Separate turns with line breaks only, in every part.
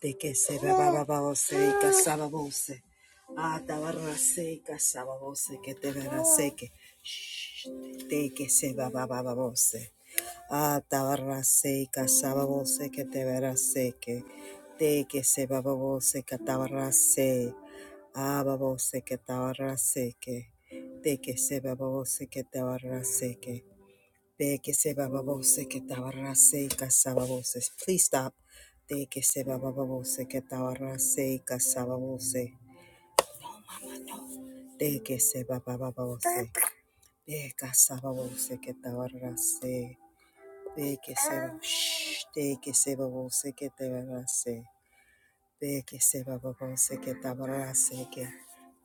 De que se bababose y casababose. Atabarrase y casababose que te verase que. Shh, De que se babababose. Atabarrase y casababose que te verase que. De que se bababose que atabarrase. Ababose que tabarrase que. De que se bababose que tabarrase que, De que se va que tabarrase casababose. Please stop. De que se va que tabarrase casababose. De que se va De casababose que tabarrase. De que se Shh. De que se babose que tabarrase. De que se va que tabarrase que.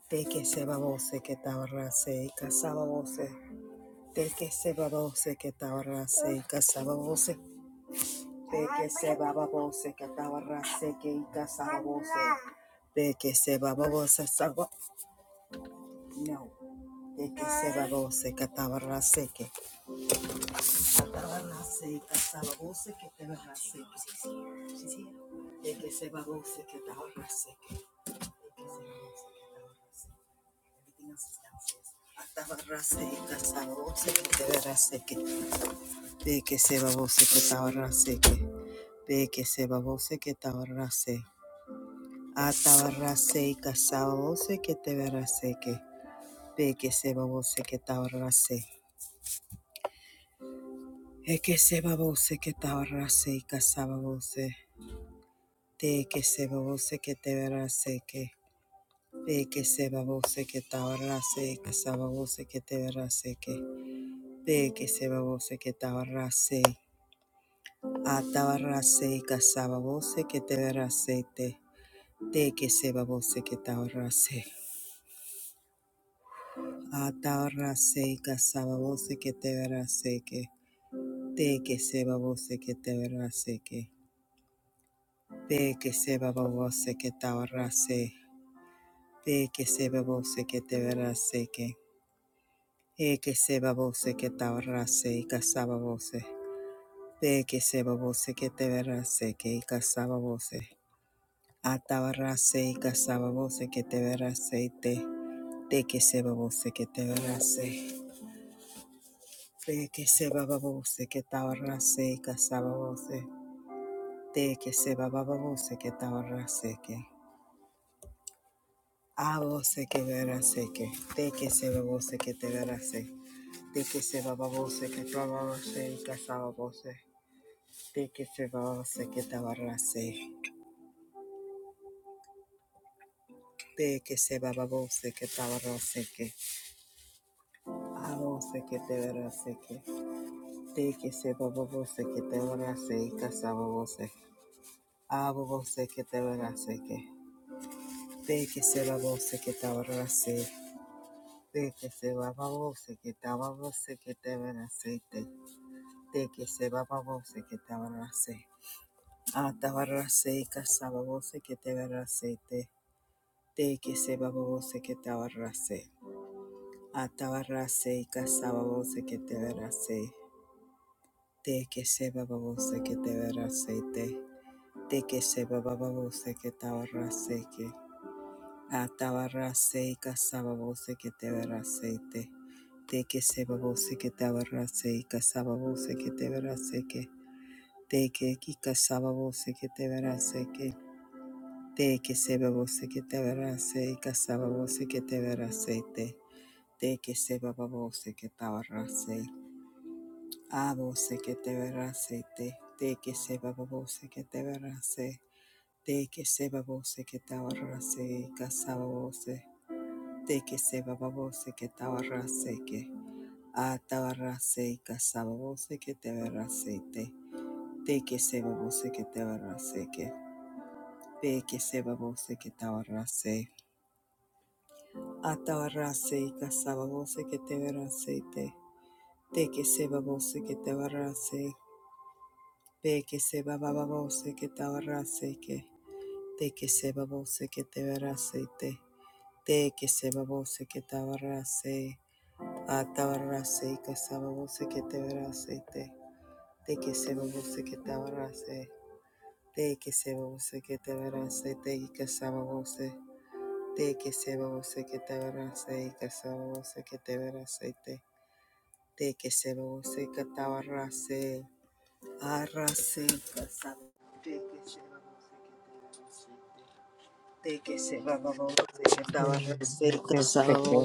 De que se babose que tabarrase casababose. De que se babose que tabarrase casababose. Beke se baba bose katawarra seke ika bose. Beke se baba bose saba. No. Beke se baba bose katawarra seke. Katawarra seke saba bose katawarra seke. Beke se baba bose katawarra seke. Beke se baba bose katawarra seke. Everything else is downstairs. Katawarra seke saba bose katawarra seke. Beke se baba bose katawarra seke. Beke se baba bose katawarra seke. Atabarase kasawose que te verase que ve que se babose que tabarase. E que se babose que tabarase kasababose. Te que se babose que te verase que ve que se babose que tabarase kasababose que te verase que ve que se babose que tabarase. Atabarase kasababose que te verase te. Te que se babose que tabarase. Atarra seca sababose que te verá seque, te que se babose que te verá seque, pe que se babose que te verá se, pe que se babose que te verá seque, e que se babose que te verá se y casababose, pe que se babose que te verá seque y casababose, atabarra se y casababose que te verá seite, te te que se babose que te verá se, pe que se babose que te verá se y casababose. Te que se bababo se que tabarra se que. A vos, se que verá se que. Te que se babo se que te verá se. Te que se bababo se que tabarra se y casababo se. Te que se bababo se que tabarra se. Te que se bababo se que tabarra se que. A vos, se que te verá se que. De que se bababo se que te verá se y casaba vos. se. A vos, se que te verá se que. De que se bababo se que tabarra se. De que se va babose, que estaba babose, que te verá aceite. De que se va babose, que te van a aceite. Ah, te verá aceite, casaba babose, que te verá aceite. De que se va babose, que te van a aceite. Ah, te verá aceite, casaba babose, que te verá aceite. De que se va babose, que te verá aceite. De que se va babose, que te verá aceite. Atabarase kasababose que te verasete. De que sebabose que te verase y casababose que te verase que. De que ki casababose que te verase que. De que sebabose que te verase y casababose que te verasete. De que sebabose que te verase. Abose que te verasete. De que sebabose que te verase. De que sebabose que te verase y casaba voce. Teke seba babose que tabarrase que a tabarrase y casababose que ah, te verrase te. Teke seba babose que te verrase que. Peke seba babose que tabarrase. A tabarrase y casababose que te verrase te. Teke seba babose que te verrase. Peke seba babose que tabarrase que. Teke seba babose que te verrase te. Teke seba babose que tabarrase. Atabarase que sababose que te verase te de que sababose que te verase de que sababose que te verase te y que sababose de que sababose que te verase y que que te verase te de que sababose que te verase arrase que sababose que sababose que te verase de que sababose que te verase y
Deseke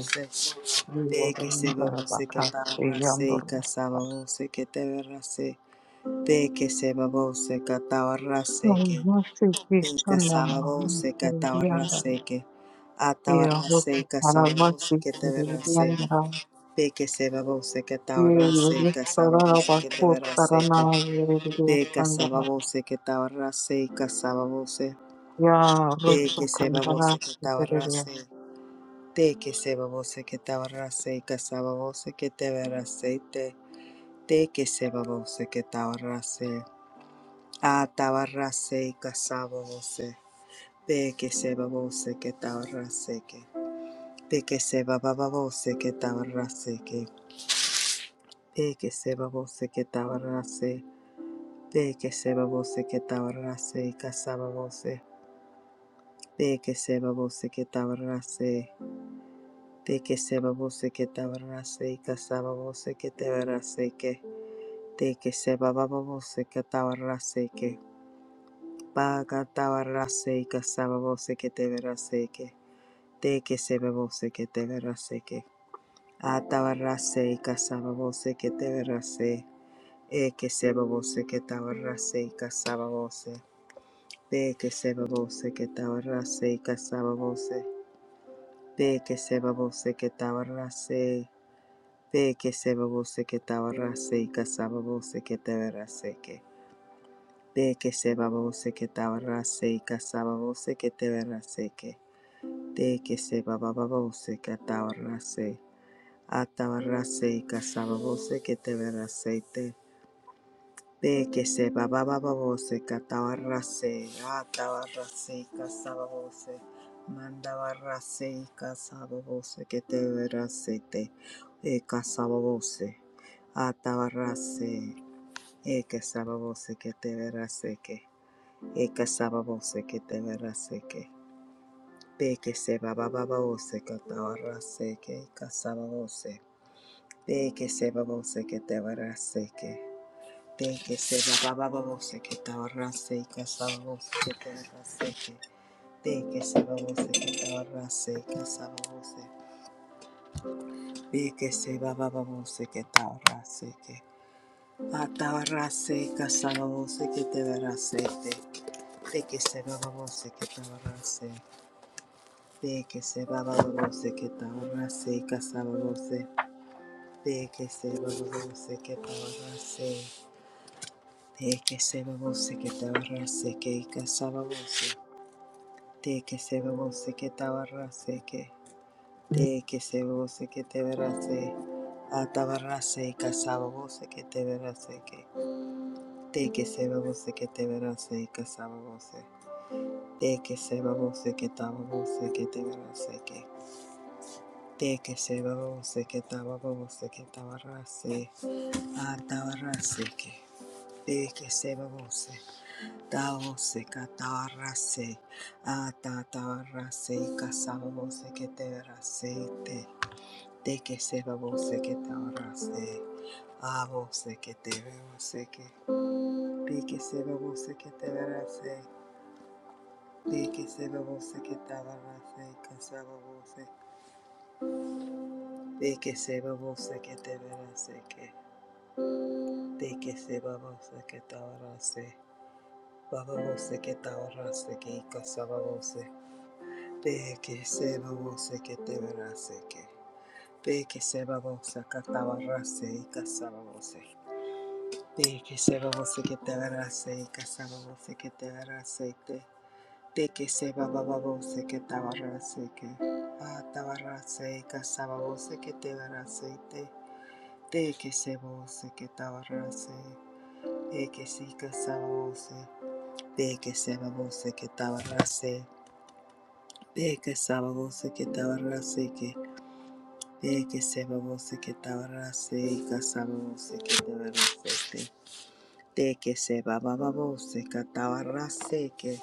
De que se
yorinda
babose que
bakasi
tabarrase y
yandorosa.
casababose que te verrase. De que se babose que tabarrase que.
Yamasi
De que
krishana
sababose que
mahamsi yanda
tabarrase que. Atabarrase
yarosa
y
saravasi
casababose que te verrase.
kiriyanda.
De que se babose que
Ye
tabarrase y
yoristara
casababose que te
bakut
verrase
sarana yoridiya
De que
sandana.
sababose que tabarrase y casababose.
Ya
De
rosu
que se babose que
kandarasi kiriyanda.
tabarrase. De que se babose que tabarrase y casababose que te verrase Te que se babose que tabarrase. A tabarrase y casabose. Pe que se babose que tabarrase que. Pe que se bababose que tabarrase que. Pe que se babose que tabarrase. Pe que se babose que tabarrase y casabose. Pe que se babose que tabarrase. Te que se babose que tabarrase y casabose que tabarrase que. Te que se bababose que tabarrase que. Ba katabarase ka sababose que te verase que te que se bebose que te verase que atabarase ka sababose que te verase e que se bebose que tabarase ka sababose be que se bebose que tabarase ka sababose be que se bebose que tabarase be que se bebose que tabarase ka sababose que te verase que be que se bebose que tabarase ka sababose que te verase que de que se bababose que atabarrase, atabarrase y sababose que te verraseite, de que se bababose que atabarrase, atabarrase y sababose, mandabarrase y sababose que te verraseite, e que sababose, atabarrase, e que que te verrase que, e que que te verrase que. Beke seba baba bose katawara que kasaba bose. Beke seba bose katawara que. Beke seba baba bose katawara seke kasaba bose katawara que. te abarrase que. Beke seba bose katawara seke kasaba bose. Beke seba baba babose que katawara seke. Atawara seke kasaba bose katawara seke. Beke seba baba que katawara seke. Beke seba babose que bose katawara seke kasaba bose. De que se babose que tabarase, de que se babose que tabarase que casabose, de que se babose que tabarase que, de que se babose que te verase, a tabarase y casabose que te verase que, de que se babose que te verase y casabose, de que se babose que tababose que te verase que, de que se babose que tababose que tabarase, a tabarase que. Deke sebabose, daose katarase, atatarase kasabose keterase te, deke sebabose ketarase, avose keterase ke, deke sebabose keterase, deke sebabose ketarase kasabose, deke sebabose keterase ke, deke sebabose ketarase, bababose ketarase ke kasabose. Peke seba vose que te verase que. Peke seba vose que tabarrase y casaba vose. Peke seba vose que te verase y casaba vose que te verase y te. Peke seba baba vose que tabarrase que. A tabarrase y casaba vose que te verase y te. Peke seba vose que tabarrase. Peke si casaba vose. Peke seba vose que Te tabarrase. Peke seba vose que te verase e que De que se babose que tabarase y casabose que tabarase. De que se bababose que tabarase que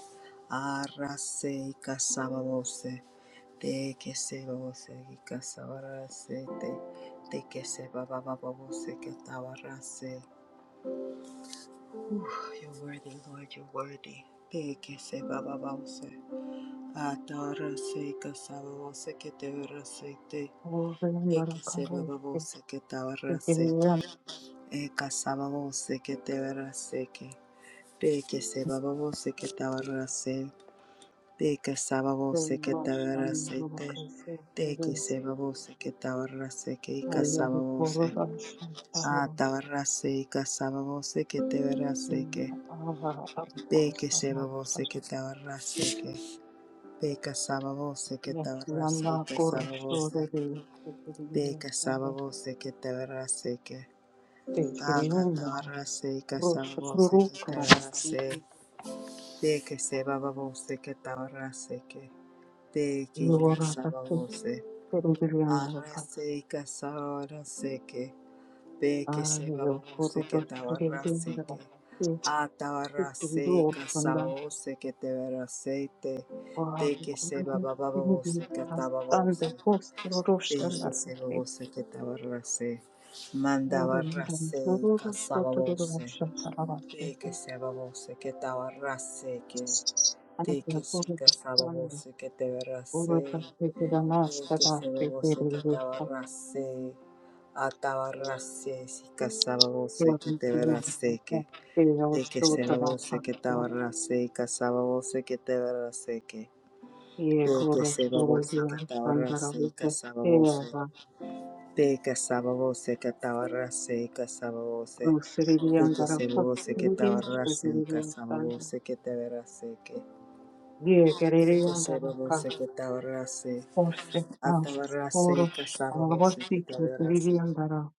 arrase y casabose. De que se babose y casabarase. De, que se bababose que tabarase. You're worthy, Lord, you're worthy. De que se bababose. Atarase y casabose que tabarase. De
Orinda
que se
rakavasi
babose que tabarase.
kiriyanda.
Eka sababose que te verase que peke sebabose que te verase peke sababose que te
Yoshan
verase te
yorokasi
teke
kiriyanda.
sebabose que te verase que ika
Ayari
sababose a
kororashan
te verase ika sababose que te verase
Mm,
que
Ava
peke
abakosa
sebabose que te verase que peka sababose que te verase
abatarafiyasiyana
ika sababose
koroshorere
peke
sekeriyasanda
sababose que te verase que aka te
sekeriyuma
verase ika sababose
roshakururu
que te
karabasi
verase De que se baba voce que tabarra se que de que
iyora
casaba voce
kasekeriyana
arra
ka
se y casara se que de que se
ayo
baba voce que tabarra se
koroshorereyanda
que a tabarra se y
sekeriyosanda
casaba voce que te verá aceite de que se
wakorere
baba baba
sekeriyasanda
voce que taba
asande
voce de
kosoroshanda
que se baba voce que tabarra se manda barra
sekoriyanda
se y casaba voce de
roroshotororoshakarabasi
que se baba voce que tabarra que De que
Anatolian
sí casaba vos, que te verrase,
Order of
de que
Tiranashtada
se vos, que te abarrase, atabarrase, si casaba vos, que te verrase que,
Federal
de que se vos, que te
Sotarapatia
abarrase, y casaba vos, que te verrase que, de que se vos, que
Ecorostorian
te abarrase, y
Sandaravico
casaba vos,
Eva
de casaba vos, que te abarrase, y casaba vos, de
Rusirian
que se vos,
Darako
que te
Sirian
abarrase, y
Sirian
casaba
Sanda
vos, que te verrase que. que
Yegerian
se
Daraka
babose que tabarrase,
Hoste Nas
atabarrase
Oros
que sababose que
Alavosti
tabarrase,
Kitirian Dara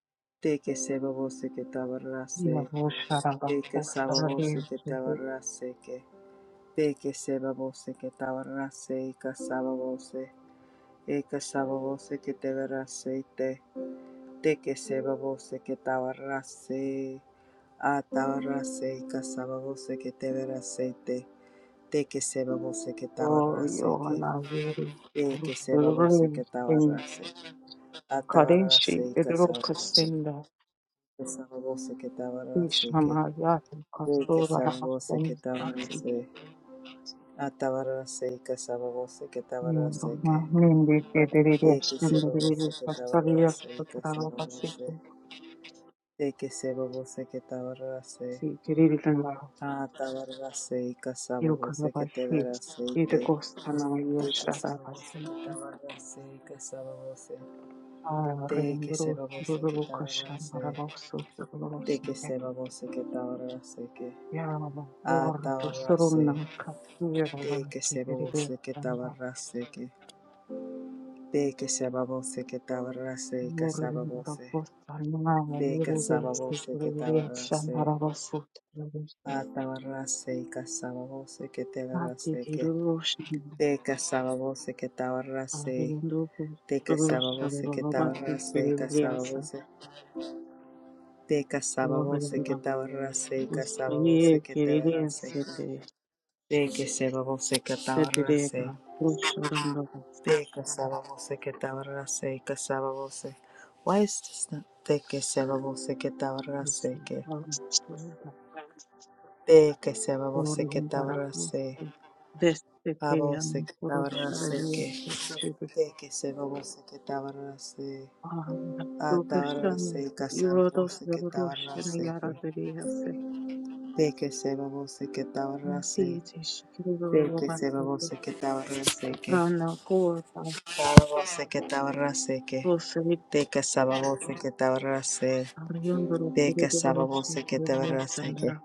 te que se babose que tabarrase,
Yavoshara
te que sababose
Hostara
que tabarrase que, te que se babose que tabarrase y que sababose, e que sababose que tabarrase te, te que se babose que tabarrase, atabarrase y que sababose que tabarrase te, te que se babose que tabarrase que.
Oriona Yeri
Eh, que se babose que
Rusin
tabarrase, atabarrase
Kadeshi
y
Idro
casabose,
Kasinda
que sababose que tabarrase, que
Ishamayati
eh, que
Kastura
sababose
Ramastan
que
Kasi
tabarrase, atabarrase y casabose que tabarrase, que
Yorona Mindi Kedere
eh, que se babose
Shindere
que
Kastaria
tabarrase y
Shutrava
casabose,
Vasiki
eh, que se babose que tabarrase,
Si Kirilana
atabarrase y casabose que
Yukanabashi
tabarrase, que
Idakostana
eh, que se
Yoshara
babose que
Vasiki
tabarrase y casabose. De que se
Arendro
babose que
Ruru Kashan
tabarase,
Ravosu
de que se babose que tabarase que
Yalaba
a
Lord to Suruna
atabarase,
Kasirala
de que se
Sikiri
babose que
and
tabarase que de que se babose que tabarase que
Murindra
sababose,
Postana
de que
Vuru
sababose que
Sikiri
tabarase,
Shanharavasut
atabarase y casababose que
Mati
tabarase que
Kirushin
de que sababose que tabarase,
Avindu
de que sababose que
Surushalavati
tabarase que
Kiriliasa
sababose. De casaba voce que
Lorinda
te tabarrase, casaba voce
Mustaye
que te
Kirilia
tabarrase.
Sete
De que seba voce que te tabarrase.
Setirega Rusharandavasi
De casaba voce que te tabarrase, casaba voce. Why is this not? De que seba voce que te
Usi
tabarrase, que. De que seba voce que te
Orion
tabarrase.
Barakusti, desde
A
que
voce
han
que te
corrochado
tabarrase,
días
que.
de salir
De que seba voce que te tabarrase.
a
A
su
te
persona,
tabarrase,
y
casaba
rodos
voce
de
que te
Russian y
que.
Araderíase,
De que seba voce que te
un
tabarrase.
siete shikiro
Teke
robastete,
sababose que tabarraseke.
rana corta,
Sababose que tabarrase que
rosary,
Teke sababose que tabarrase.
Orion Barakuru
Teke
Roshan,
sababose que tabarraseke.
Kiriliasandra,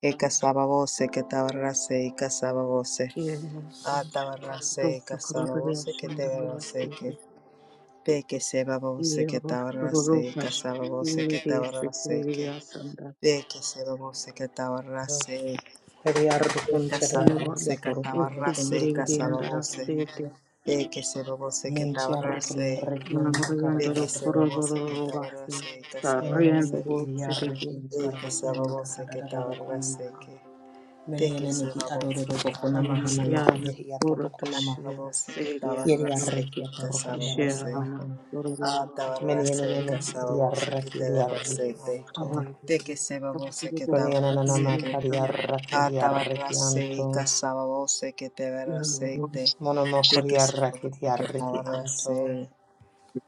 Eka sababose que tabarrase. Eka sababose.
y el
A
Rush,
tabarrase.
Russo
Eka sababose que
Korodriasandra
tabarraseke.
Vasete,
Teke
y
sababose
el
que
Rostro
tabarrase. Eka
Rukash, y
sababose
el
que
Dese
tabarraseke. Teke sababose que tabarrase. Casabose
Ivan
catabarrase,
Rustikirindi and
casabose,
Rasiti
de que se babose catabarrase, de que
Riandoro
se babose
Kororo Basti
catabarrase, casabose,
Riando Siridi
de que se babose catabarrase, que de que se babose catabarrase,
Yan Urutashi
babose
Sirias
catabarrase, que casabose,
Shirana
a
Kororo Basti
tabarrase, casabose catabarrase, de que se babose
Many ananana
catabarrase,
makari
que
arraki
a
arraki
tabarrase,
anto.
casabose
Yoruba
catabarrase, De
Monomokori
que se
arraketi
rosa que
arreki
ahora
anto.
se,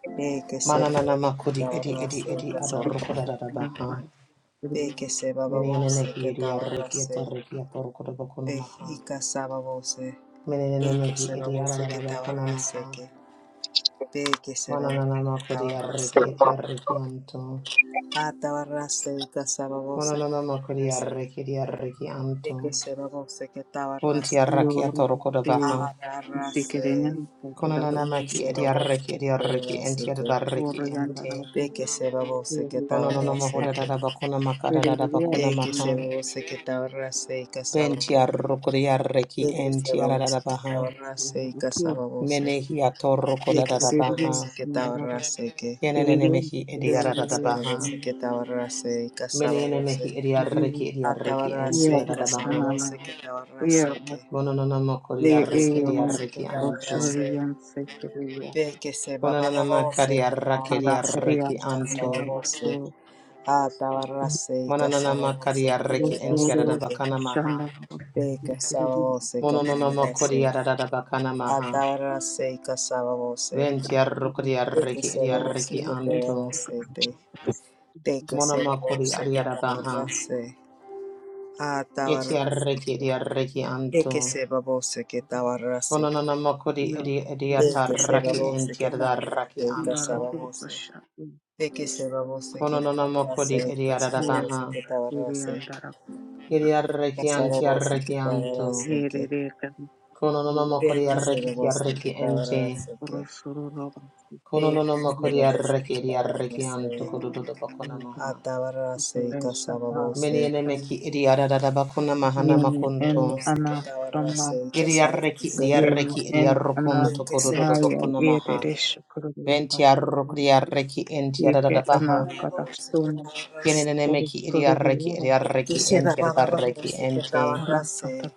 de que se
Mananana
rosa que
makudi edi
ahora se
edi edi
casaba você,
adorrokodadabaha.
de que se baba
Menene
você
mehi
que
edi
ahora
arreki
se,
et arreki
de
atorrokodabakonamaha.
y casaba você,
Menene
de que
mehi
se baba
edi
você que ahora se
adadabakonamaha.
que, de que se baba
Mananana
você que
makudi
ahora se,
arreki et arreki anto.
hasta ahora se y casaba você
Mananana
que ahora
makudi
se,
arreki edi arreki
de que
anto.
se baba você que ahora
Bunti
se,
arraki atorrokodabaha.
a ahora se,
Konanana
de que
maki
se
edi
baba você que
arreki edi arreki
ahora
enti
se que,
adadarreki ente.
de
Oriandarabus,
que se baba você que
Konanana
ahora
Oriandarabus,
se que
Peridia
De que se
mahodadadabakonamakadadadabakonamaha.
Sundarabus,
babose que tabarrase y casababo.
Bentiarrokodiarreki
De que se babose que
entiaradabaha.
tabarrase y
Peridia
casababose. De que se
Menehiatorrokodadabaha.
babose que
Sundarabus,
tabarrase que.
Peridia
Kienenemehi
De que se
Peridia
ediaradabaha.
babose que tabarrase y casababose.
Menenemehi ediarreki
Sundarabus,
A
ediarreki
tabarrase y
entiaradabaha.
casababose
Sanama,
que tabarrase
Eros,
que. De que
Monononamokodiarreki
se
Eona,
babose que
ediarreki anto.
tabarrase.
Roshorian Sekeria,
De que se bababose que
Mononanamakadiarraki
tabarrase
Madaharia
ediarreki
y
anto.
casababose.
Sandarabasu,
A tabarrase y casababose que
Mononanamakadiarreki
tabarrase
Rosoros,
que.
entiaradabakamaha.
Shandarabus,
De
Peridia
casababose que
Sundarabus,
tabarrase.
Mononanamakodiaradabakamaha.
Atara se casaba voce, de que
Ventiarrokodiarreki
se lo voce
ediarreki
que te
Peridia
anto.
era
Sundarabus,
de que se lo
Monomakodi
voce que
adiarabaha.
tabarra se,
Yeti
atabarra
arreki edi arreki
de
anto.
que se lo voce que tabarra se,
Kononana makodi
Yeah.
edi edi
It is
de que se lo
atarraki
really,
voce
enti
que
like,
tabarra
adarraki
se
we are
anto.
casaba
under
voce,
pressure. Yeah,
de que se lo voce que
Kononana
tabarra
makodi
se
edi
casaba
adadabaha.
voce que
because
tabarra
we are
se,
under a pressure.
Yedi arreki
casaba
anti
voce que
arreki anto.
tabarra
Yeah,
se
they-
que,
they can-
Kononana
they are
de
makodi
que
under
se
arreki
lo
ti
voce
pressure.
arreki
que
ente.
tabarra se que,
Pressure of us. It is
de
Kononana
que se
makodi
lo
under
voce
arreki
que
edi
pressure.
tabarra
arreki anto
se.
kododobakona
Okay,
maha.
Atabarase
pressure, uh,
kasababose
Meni
okay.
enemeki edi adadabakona mahana
Yeah, me
makunto.
and
kasababose
Anna from, uh,
katabarase
Edi arreki
kasababose
edi
kasababose
yeah, me
arreki edi
and Anna,
arrokunto
yeah, yeah,
kododobakona
yeah,
maha.
there is sugar over
Venti
us.
arrokri arreki enti arada
Okay,
baha.
Anna, cut us down.
katabarase
Kienene meki iri
Pressure
arreki
over
iri
us.
arreki
kasababose katabarase
enti arreki
atabarase
enti.
kasababose katabarase kasababose
Rasata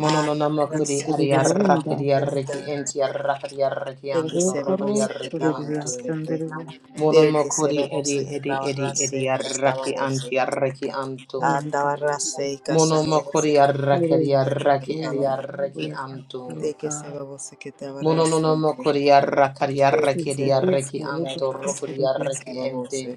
Mono no namo kuri ari
katabarase
arraki
kururunda
iri arreki enti arraki arreki
kasababose
anto
rwegoro
rokri
katabarase kasababose atabarase
arreki anto.
rwasendera the
Mono mo kuri edi
kasababose
edi edi edi arraki anti arreki anto. Mono mo
katabarase
kuri arraki iri
yekererwa
arraki iri
uye
arreki anto.
rwakasiroka
kasababose
Mono no namo
katabarase
kuri arraki iri
Take
arreki
it,
iri
Sarah.
kuitike
Você
arreki
que estava
anto
na
rwekushupurike
rokri
seita,
arreki
estava
enti.
você.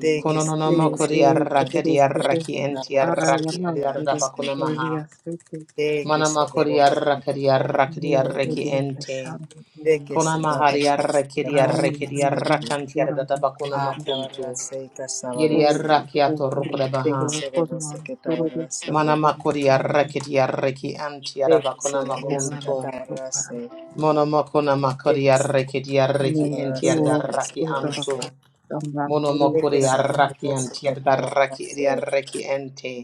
Thank you,
Kononono
Sarah. Você
kori
que estava
arrakari
kukurukutu
arraki enti
na seita,
arraki
arayana
ari
estava
kuru
arraba
você que
konamaha.
rwasete
Take it, seita. Thank you,
Manama kori
Sarah. Você
arrakari arrakari arraki enti.
mueducation
que estava na seita. Thank
Konamahari
you, Sarah. Você
arrakiri
it, estava
arun
arrakiri
na seita.
arrakanti
anabisura
arraba
Ah,
mukarabas
estava
konamakuntu.
na seita, estava
O
Yeri
você.
arraki
Guru
Thank
atorrukodabaha.
you,
Suro
Sarah.
Kurma
Você que estava
Suro
na
Suro
seita.
Manama kori
Suro
arrakiri arraki anti
Thank
arraba
Sarah. Você que
konamakuntu.
Yalamba
estava na
Sukaram
seita. Thank Sarah. Você que estava na seita, estava você. Thank Sarah.
Monomokona makori arrakiri arraki
Ne
enti
Ur
arraki antu.
Udarakat Samba Suri
Monomokori
Suro
arraki
Você
anti
que estava na
arraki arraki enti.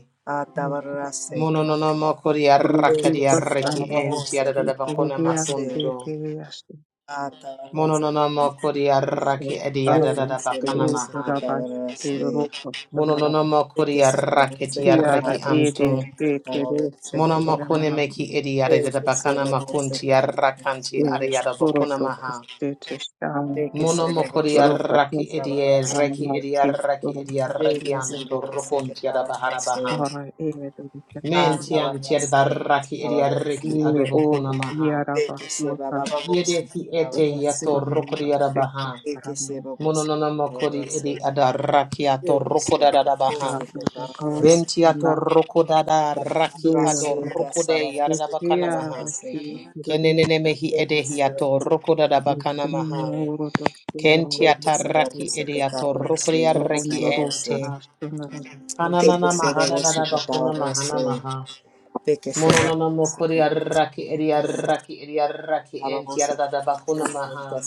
Nusri
Atabarase.
Sama
Mononama Korea
Brutu
Eke
Rakadia
se
Reki
Kastambara
and
bababose.
Tiada Bakona
Sikiriyan
Tabarase.
Makunto.
Sikiriyashi
Atabarase.
Mononama Korea
Asur
Raki Ediada
Eke
Aru
se
Bakana
Suru
babose.
Maha.
Rabash Suro
Tabarase.
Kastambara
Mononama
Eke
Korea
se babose.
Raketia
Tiara
Reki
Tabarase.
Ede
Anto.
Sikiri
Tabarase.
Monomakone
Sikiriyanam
Meki Ediada
Eke se
Bakana
babose.
Makunti
Tabarase.
Rakanti
De
Ariada
Suro
Bakuna Maha.
Tukhstitish
Eke se babose.
Monomokoria
Guru
Raki
Patis
edi
Tabarase.
Reki Edia
Ramati
Reki
Guru
Edia Reki
Eke se
Kishore
Anto
babose. Tabarase.
Rokuntia Bahara
Atabarase.
Baha.
Hara Evedu Kakuri
Mentian Tiada Raki Edia
Tabarase.
Reki
Ni O
Adobokuna Maha.
Eke se
Yaravasmuta
bababose.
Yedeki ete
Guru
yato
Tabarase.
rokodi
Suramada
adabaha.
que se
Sekesharama
va vos
Mononoma
se
kodi edi adaraki ato rokoda
va vos
dadabaha.
se te
Sarnata Kaura
tarras
Benti ato
Vanda
rokoda
la
daraki
tarra
Deva
ado
seca
rokode
sabe vos se te
yadabakana
tarra
maha.
Yaravasi
seca
Kenenene
Kirudita
mehi
el que
edehi
se va
ato
vos se
rokoda dabakana
Nishuna
maha.
Urota
Kenti
Suramada
ataraki
Kakuri
edi ato rokodi araki
Yorondoro
ente.
Parashtunara Kakuri
Kananana mahada dadabakuna mahana maha. Mononoma kodi araki edi araki edi araki enti yadabakuna maha.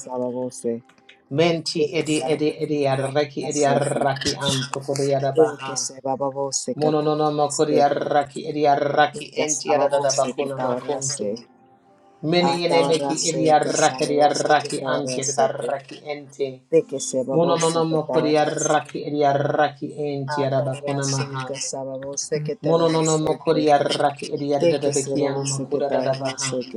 Menti edi edi edi arraki edi arraki anto kodi arabaha. Mono no no mo kodi arraki edi arraki enti aradada
Casabose que
bakuna
tabarrase,
makuntu. Mene
a
yene meki edi
tabarrase,
arraki edi
casabose que
arraki anti edi
tabarrase,
arraki enti.
de que se
Mono no
babose
no
que
mo kodi
tabarrase,
arraki edi arraki enti
a
arabakuna
tabarrase,
maha.
casabose que
Mono no no mo
tabarrase,
kodi arraki edi
de
aradada
que se
bekiano
babose que
makuda
tabarrase,
dadabaha.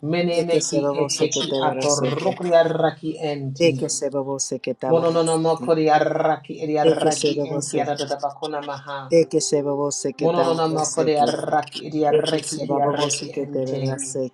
Mene
de que
meki
se babose que
eteki
tabarrase,
aporukri arraki
de
enti.
que se babose que tabarrase,
Mononona kori arraki iri
de que se
arraki enti
babose,
adada bakuna maha.
de que se babose que
Mononona
tabarrase,
kori
de
arraki iri
que
arraki
se
iri
babose
arraki
que
ente.
tabarrase,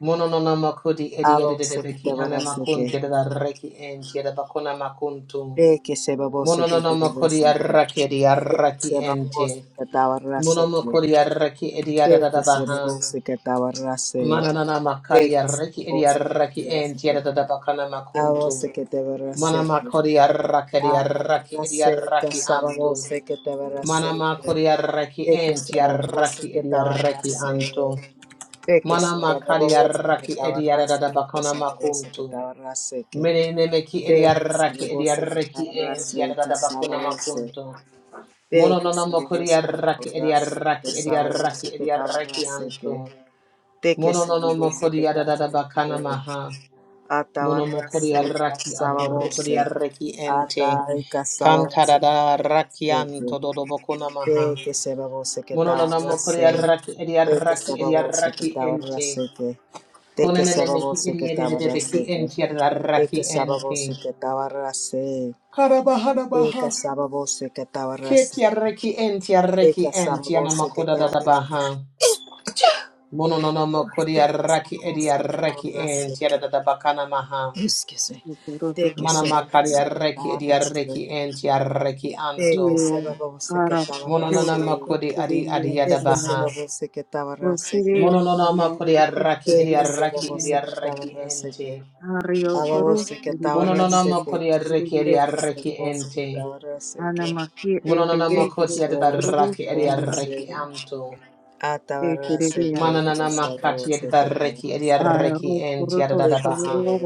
Mononona kodi
a
iri adada
babose que
beki anamakunti
tabarrase,
adada arraki enti adada bakuna makuntu.
Re que se babose que te
Mononona kori
obedecen.
arraki iri
Peke
arraki
se babose
ente.
que te abarrase.
Mononona kori arraki iri
Re que
adada
se
baha.
babose que te abarrase.
Mananana
Re
makari
que se
arraki iri
babose que
arraki
te obedecen.
enti adada bakana makuntu.
Abose que te
Mana
abarrase.
makori arraki iri arraki iri
Abarrase que
arraki
se
antu.
babose que te abarrase.
Manama Kodiaraki
Re que se
enti
babose
Yaraki
que te
Ediaraki
abarrase.
Anto.
Re que se
Manama
babose que te
Kadiaraki Ediarada
abarrase. Re Que
Bakona
se babose que
Makunto.
te abarrase. Que
Mene Nemeki
Re que se
Ediaraki
babose que te
Ediaraki ent
abarrase. Que
Yarada
se
Bakuna
babose.
Makunto.
Te
Mono
que se
Nonomo
babose que
Kodiaraki
tabarase, que
Ediaraki Ediaraki
sababose que
Ediaraki
tabarase, que
Anto.
de que
Mono
se
Nonomo
babose que
Kodiarada Bakana
tabarase,
Maha. Mono
atabarase,
Mokodiaraki
casababose,
Atorukodiaraki ente.
ata y casababose
Kantada
que se
Rakianto Dodo Bakuna
que
Maha.
de que se babose que
Mononamo
tabarase,
Koriaraki
de que
Ediaraki
sababose que
Ediaraki Ente.
tabarase, que de que
Konenemeki
sababose que
Ediaraki
tabarase, que
Ente
de que
Yaraki
sababose
Ente.
que tabarase,
Karabahana
de que
Baha.
sababose que tabarase,
Ketiaraki
de que
Entiaraki
sababose que tabarase, te
Entianamakoda
que
da Baha. Mononamo
sababose
Koriaraki
que
Ediaraki
tabarase que,
Entiada da Bakana Maha.
Excuse me. De que
Sudarotoro
se va
Manamakariaraki
a
Kakuri
arrastre.
Ediaraki Entiaraki
De que
Anto.
se va
You
a que
are
estaba
poor.
Mononamo
arrastre.
Just
Kodi
because
Adi
you
De
Adiada
are
que
poor,
se va
you
Baha.
a que estaba
are
arrastre.
not rich.
Mononamo
You are rich because
Koriaraki
De que
you
se va
Ediaraki
a que estaba
Ediaraki
arrastre.
Ente.
are rich. You are
A
rich
babose que
because
estaba
you are
arrastre.
rich.
Mononama kodi arreki
You
edi
De que se
arreki
va a que
ente.
estaba arrastre.
are rich
Mononama
De que
because
koti
se
edi
va
you
a que
are
arreki
estaba
edi arreki
arrastre.
anto.
A
rich. You
estaba
are rich because
arrastre.
you
De que se
Mananama
va a que estaba arrastre. De que se va a
kati edi
que
arreki edi
are rich. You are
arreki
rich
ente
because
adada baha.
you are rich. You are rich because you are rich. You are rich because you are rich. You are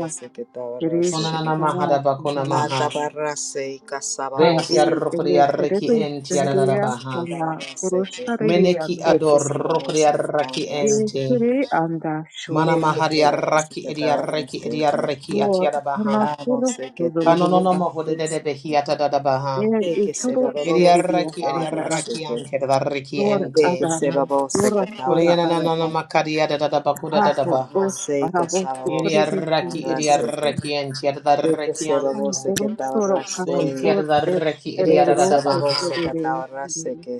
Konanama hada bakona maha.
estaba arrastre. A estaba
Venti
arrastre.
arrokodi arreki
De que
ente
se
adada
babose que
baha.
estaba rase que,
rich because
Meneki
you are
de que
ador
rich.
se
rokodi arreki ente.
Ekere anda
Mana mahari
shotarasiki.
arraki edi arreki edi arreki
Lord,
atiada baha.
hanasura
Kanononama hodi dede
sodorobasiki.
behi atadada baha.
El ituro sebiria
Yediaraki
sanarama.
Ediaraki ante Dariki
Lord,
ente.
adana, lora soda
Kurianana
arana.
Makaria da da Bakuda da da
Ako
Baha.
os parabos sukuribis
Yediaraki
indiriyan.
Ediaraki ente Dariki anto.
Orum soro kas
Bunti
or es
Dariki Ediada da
erero
Baha.
posteriria.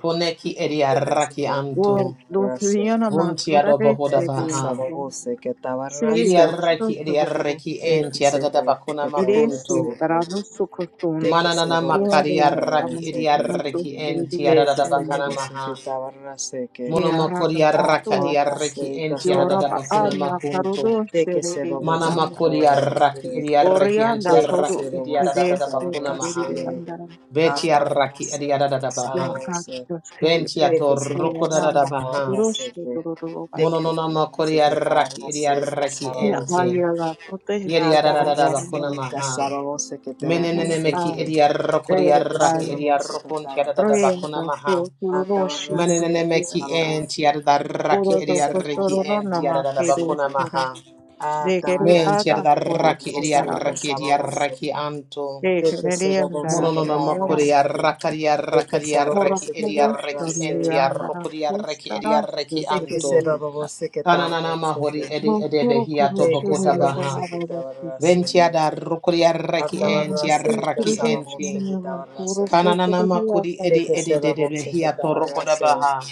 Kuneki
Thank
Ediaraki
Lord,
anto.
dos
you.
viona
Bunti
macora de
Sé
Adobohoda
que
sebiria.
Baha.
sabose que tabarrase,
Seriga,
Yediaraki
sotorobo.
Ediaraki
de que
ente da
sabose
Bakuna
que
Iresi,
tabarrase,
Makunto.
paranusu
de que
Mananana
sabose que
Gloria
Makaria
a
Raki
tabarrase,
Mato
Ediaraki ente
de
Savior
que
da Bakana
Shendri,
sabose
Maha.
que tabarrase, que
Mono
Gerata
makori
a
arraka
Pasto,
arreki
tabarrase que
enti adada
Yoraba
sabose,
bakuna
Anna Carudo
makunto.
de que
Sheriri
Mana
sabose que
Sanda,
makori arraki
tabarrase,
edi arreki anti
Orianda
de que
Caru
arraki edi
sabose que
adada
Seveste
bakuna maha.
tabarrase,
Andara,
a
Beti arraki
tabarrase
edi
que sabose, de que sabose que
adada baha.
Yakar
tabarrase, que
Seri
Benti
de
atorruko dada
Nama,
baha.
Rushi
Mono
que
nona
Dorobasuke,
sabose
makori
que
arraki edi
tabarrase que
arreki
sabose.
enti.
Yayala Pote
Yedi
Sekiri
adada
Sima,
bakuna
Atabarrase,
maha.
casarabose que te
Tia
Menenene meki
barracete,
An,
edi arroko di
Red
que te
arraki
Island,
edi
cerabose que
arrokonti adada
Reyes
bakuna
tabarrase,
of
maha.
Roshi
atabarrase,
Manenemeki en
casarabose,
tiara da
que
Oro
raki
te
to
edia reki
cerabose
posturono
que
en tiara
nama
da bakuna
tabarracete,
kerosera
maha.
degere
Men
atabarrase,
ada
tiara da
oros
raki edia
zara
casarabose,
raki
banti
edia
casarabose,
raki anto.
que te
degere andara
Mono
cerabose que
no
kaya
makuria
tabarracete,
rakaria
que te
rakaria
ora
raki
cerabose que
edia reki en
koshpanu
tabarrase,
tiara
andara
rokuria reki
kosta
edia
rastu
reki
que serabose que te
anto.
degere.
cerabose que
Kananana mahori
tabarracete,
edi
Nono
edebe
koro
hiato
kusho
que
bokota
hina
cerabose
baha.
andara
que
banti ki
Ventia
tabarrase,
da rokuria reki
mana
en
atabarrase,
tiara
hini
raki
suluja
casarabose
chani
enti.
que
mana koro se
tabarracete,
kete
Kananana
degi
makuri
asa
edi
Eke
mana
edi edebe
serabose que
hiato rokoda
tabarase,
baha.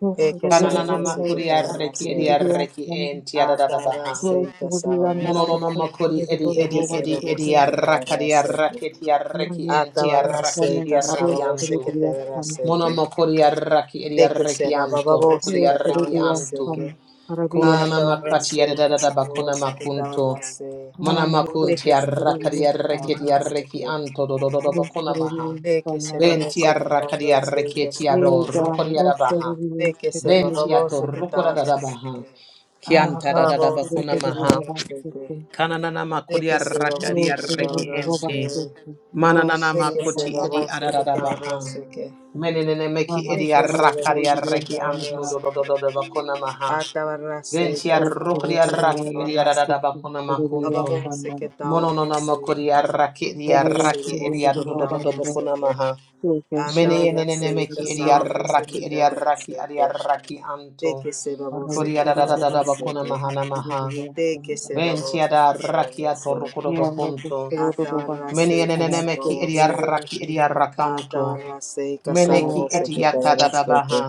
nusoro
eke
zoro
Kananana
zoro
serabose que
nusoro
makuri
banti
arreki edi
tabarase,
degi
arreki
asa nusoro
enti adadada baha.
atabarase que
banti andara
sababose,
Munonono
bokos
makuri
degi
edi
zoro zoro basta degi asa nusoro banti andara bokos degi zoro
edi
eke
zoro
edi
basta
edi
degi
serabose
asa
que
arraka di
tabarase,
arraki ti arreki enti arraki
atabarase
Marayasukeshana
edi
que
arreki
sababose
anto.
que
Maroskaridiasana
tabarase,
Mono
ke,
makuri arraki edi
eke
arreki anto. Roku di
serababose que
arreki anto.
Vyakaridiasana
tabarase,
Kononana
Marabiyasana
makati
atabarase que
adadada bakuna
sababose que
makunto.
tabarase,
Mana makunti
eke
arraka di
serabose que
arreki
Marayasukaridiasana
di
tabarase,
arreki
ke,
anto dododo bakuna maha.
eke
Roskaridiasana
Venti
Raraka
serabose que
arraka di
tabarase
arreki
que
ti ador.
Yeda
sababose,
Roku di adabaha.
eke
Ventiato
serababose que
Rosharidiasana
rokora da da
tabarase,
baha.
ke.
Kianta da da da
Abo se
bakuna
que
maha.
tarda
Haroskaridiasana
sete.
Kananana
De
makodia
que se babo
rakadia
se que
reki
tarda
ente.
se.
Roskaridiasana
Mananana
De que se
makoti edi
babo se que
adada
Roskaridiasana
tarda
baha.
se que.
Menenene meki
Mama
De
edi
que se babo
arakadia
se que
reki
tarda
anto
Roskaridiasana
do
se
do do do do bakuna maha.
A tabarra se
Ventia
que se babo
rokodia
se que
raki edi
Roskaridiasana
tarda se.
adada bakuna
A
makunto.
babo se
Roskaridiasana
que tarda
Mononona
se.
makodia raki edi
De que se
araki
babo
edi
se que
adodo do do do
tarda se
bakuna
que.
maha.
A tabarra
Menenene
se que
meki
se
edi
babo se que
araki edi
tarda se
araki edi araki anto.
babo se que
Kodiada da da da da
tarda se
bakuna mahana maha.
babo se
Ventiada rakia
se.
torukudo bakunto.
Atabarra
Meni
seca
enenemeki
salabose.
idiaraki idiarakanto.
Atabarra seca
Meneki
salabose que tabarra
idiatadada baha.
seque.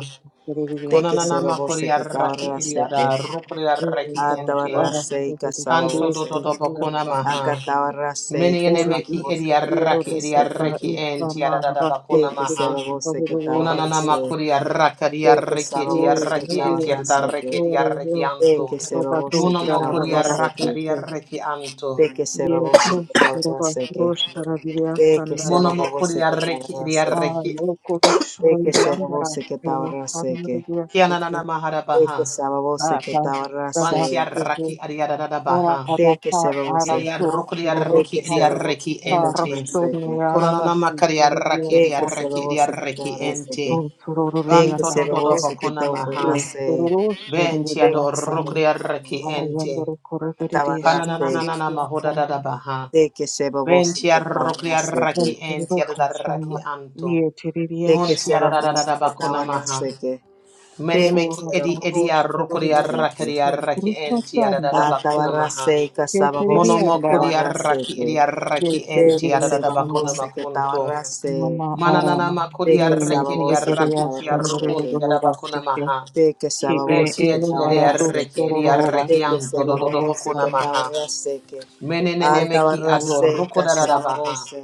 Te que
Konananama
salabose que
kodiaraki
tabarra seque.
idiada rukuriaraki ente.
Atabarra seca
Kanto
salabose.
dododo bakuna maha.
Acatabarra
Meni
seca
enemeki
salabose que
idiaraki
tabarra
Yerodo kupa
seque.
da
isama
entiadada
rastu
Te
bakuna
que
maha.
salabose que
kupa
Kunanana makuri arrakari arreketi arreki di
Yeh
salabose que
arreki enti
tabarra
gariyan,
arreki
seque.
di
yore
arreki
yeh
Te
to
anto.
que
rabatos
salabose que
Munomokuri
tabarra
di
sharabastike.
arreki anto.
que
Yeh
salabose que
rukos
tabarra
rabatros sharabiya
que
sandara.
Munomokuri
salabose
arreki eri
Ma
arreki.
yoko rokshoro
Teke
yandara.
sebabose que
Yeh
tabarrase que.
shandarabiyastike.
Kiananana maharabaha.
Teke
Ma
sebabose que
tas
tabarrase.
Vanti
dabastike.
arraki
Kora
ariadadabaha.
Teke
padasa
sebabose.
Eri
arabto
arrukuri
Teke
arreki
suroroshta.
eri
sebabose
arreki
que
Ta
enti.
rokshto
tabarrase que.
Kunanana makari
niyarabastike
arraki di
liyasta.
Teke
arreki di
sebabose que
arreki
tabarrase
enti.
que. Teke
Vanto
Surororiyanda.
dododo
sebabose que
bakuna maha.
tabarrase.
Venti
Teke
Surororoshendiriyasta.
adorrukuri
sebabose que
arreki enti.
Ariyandoro korororere
tabarrase.
Kananananana
shekeriya
mahoda da
sanda
da baha.
Teke sebabose
Ventia
que
roclia
tabarrase que.
raki
nasiribo
entia da
kashama
raki anto.
vieteriya
Teke
Buntia da da
shamando
sebabose
da da
que
bakuna maha.
tabarrase que. Teke
Many meki
ora
edi
sebabose que
edi
paros
a rocoria
teroriya
tabarrase que.
racaria
kashama
raki
krishna
entia da da
chandari se
bakuna maha.
Atabarrase y
vieteriya
casababose que
andara
Monomokuria
tabarrase
raki edi
que.
a raki
De que
entia
vieteriya
da
se
da
va
sanda
bakuna
babose que
makunto.
mama
tabarrase,
Mananana
arama
de
makuria
que se
nene
va
rekiria
babose que
ubiteriya
raki tia
tabarrase,
shandorero
que-
rocontia da
dolora
bakuna
sikya
maha.
de que se
ki
va
e
babose
Betia
que
ene
tia
arato
tabarrase,
reki
que-
edi a
stororo
de
reki
vasti
que se
anto
va
do do do
teriya
babose
bakuna
que
sanda
maha.
tabarrase, que a
rotsi
Menenemeki
tabarrase y
vasti
adoroko
que
da da
se
da
va
baha.
babose,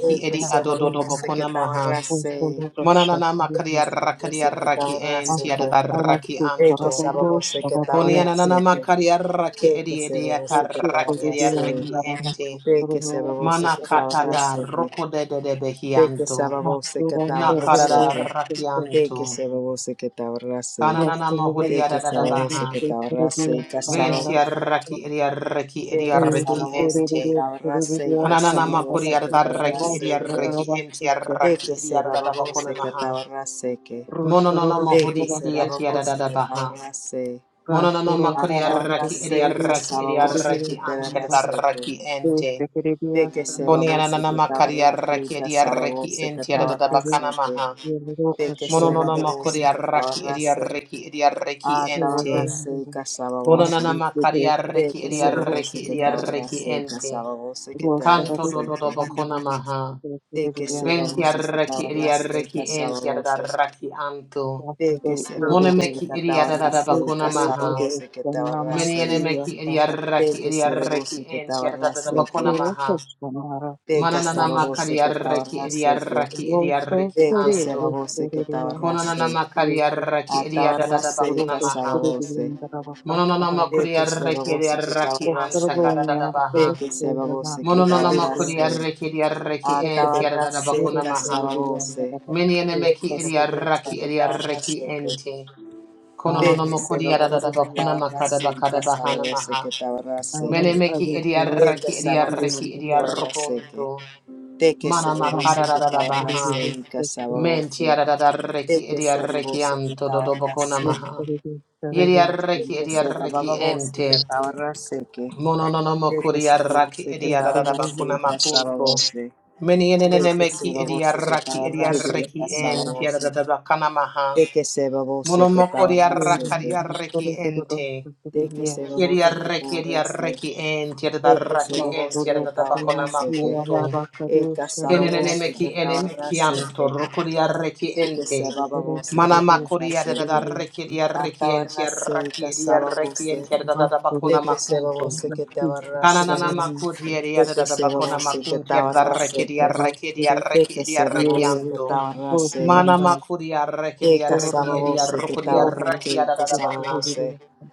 de que
edi
se va
adododo
Aslında
babose que
bokona maha.
o
tabarrase,
soru da
Monanana
de que
makaria
se
şartları
babose
rakaria
que
raki
tabarrase,
enti
que-
Asta
adada raki
arastu
de que
anto.
se
karaboro
babose que
sharabiya
tabarrase,
Konianana
seki
que-
makaria
de
raki
que
edi
se
edi
babose que
rastu
ataraki edi
korebiya
tabarrase,
raki
narada
enti.
de
kostoro
que se babose que
kostoro
Manakata
biya
da
seki
tabarrase,
roko de de de
De que
behianto.
se ababose que
nastura
Nakara
sorbo
tabarrase
da
que,
raki
basteke
de que
anto.
se ababose que tabarrase,
Kananana
rasturu
de
mahuria
que
da da
se
da
kasvar
ababose
baha.
que
rastu
tabarrase
korebiya
y
sanara
Venti
casababose,
kasto
raki edi raki edi
de
eere
raki
eere
casababose que
ente.
eere
tabarrase y
korebiya
Ananana
sanara
casababose que
kuriarraki
kostoro
tabarrase que,
shara
idiarraki
basteke
de
entiarraki
que se
idiarabakuna
ababose que
maha.
tabarrase que,
rasturu
Mononono
de
robo
mohudi
se
basteke
ababose que
idiatiadabaha.
tabarrase,
Mononono
rasuru
a
arabe
makuriarraki
tabarrase y
korebiya
idiarraki
seki
casababose que
idiarraki
narada
tabarrase
antiadarraki
que,
ente.
seki korebiya
de que se
sanara
Konianana
ababose
makariarraki idiarraki entiadabakana maha.
Yellow
de que se
Mononono
shorega
rabose
and
que
makuriarraki
tabarrase,
idiarraki idiarraki
a
he was
ente.
tabarrase
under
casababose,
Konanana
Mahati
de
makariarraki
que se
idiarraki
rabose que
Roshindava
idiarraki
tabarrase
ente.
casababose que
Rose
Kanto
tabarrase,
Ravi
dodobakuna
Sandava
maha.
Sanda Saturday
de que se
Venti
rabose que
arraki iri
tabarrase
arraki enti
casababose,
arraki anto.
de que se
Mone
rabose
meki
que
iri arara
tabarrase
Ede
bakona
the
maha.
Ede
casababose que
Sanama
Meni
tabarrase,
ene
Hira
meki iri
Sava
de
arraki
que
iri
se
arraki
rabose que
enti arara
tabarrase
bakona
que,
Rasoro
maha.
Koshamara
de
is
Mananana
Saradi
casababose
makari
que
arraki iri
tabarrase que,
arraki iri
Roto
arraki
de que
Sere
se
is
anto.
rabose que
Seredianda
Konanana
tabarrase,
makari
a
arraki iri arara
tabarrase
bakona
Roto
maha.
casababose,
Seredianda
Mononana
Ravakastara
de
makuri
que se
arraki iri
babose que
arraki anta
tabarrase,
Ostrogonia,
karara
de
baha.
Ostrogonia,
que se
Ostrogonia,
babose que
Mononana makuri
tabarrase,
arraki iri
a
arraki enti
Ostrogonia,
arara
tabarrase
bakona maha.
Ostrogonia,
casababose,
Meniene
de
meki
que se babose
Ostrogonia,
idiaraki
que
idiaraki
tabarrase,
ente.
de
Ah,
que
Konononomoko
se babose que
Ostrogonia,
diaradabakuna
tabarrase,
makadabakada bahana
casababose que
maha.
tabarrase,
Ah,
Mene meki
de
Ostrogonia,
que
idiaraki
se babose
idiaraki
que
Ostrogonia,
tabarrase,
idiarukuntu.
de que se
Mana
babose que
Mom,
makadarabaha.
Ostrogonia,
tabarrase,
Ostrogonia,
Menti
casababose, de
aradaraki
que se
idiaraki
babose que
anto do dodobakuna
tabarrase, de
maha.
Ostrogonia,
Idiaraki
que se
idiaraki
babose que
ente.
tabarrase, Sé
Monononomoko
que se
diaraki
robose te tabarrase,
idiaradabakuna
casaba
makunto.
voce.
Meni
Sé
enene
que se
meki
robose te
idiaraki
tabarrase,
Ostrogonia,
idiaraki
casaba
ente
voce.
aradabakana maha.
Sé que se robose te
Monomokori
tabarrase, que.
arrakari arreki ente.
Sé que
Ostrogonia,
se
Kiri
Ostrogonia,
robose te
arreki di
tabarrase.
arreki ente. Yadda
Sé que se
arraki ente.
robose te
Rostoro
Yadda tabakona
seni
tabarrase, que.
kiyala
makunto.
bakare
E casaba
şerri
voce
yapsa.
te
Kenenemeki enemeki
tabarrase,
anto.
que.
Rukuri arreki
Sé que se
ente.
robose
Rostoro
te
Mana
dostu
makuri
tabarrase,
yadda
que.
kiriri
arreki
yapsa.
di
A
arreki ente.
tabarrase,
Arraki di
casaba
arreki ente.
voce.
Yadda
Rostoro
tabakona
Sé que se
dostu
makunto.
robose que
dostu
tabarrase.
Kananana
kıştıralarını
Sé
makuti
yapsa.
yadda
que se
tabakona
robose que
makunto. Yadda arreki di
tabarrase,
arreki di
Rostoro
Deca
arreki di
seba
arreki
yeğe
voce que
anto.
estaba rase,
Mana
dostanda
makuria rekiria
deca
reki
saba
edia
orandı.
voce que
rokuria
estaba
Doğru
rakia
rase,
da da
que
da
yapsa.
saba
baha.
Kiriri
voce,
yapsa.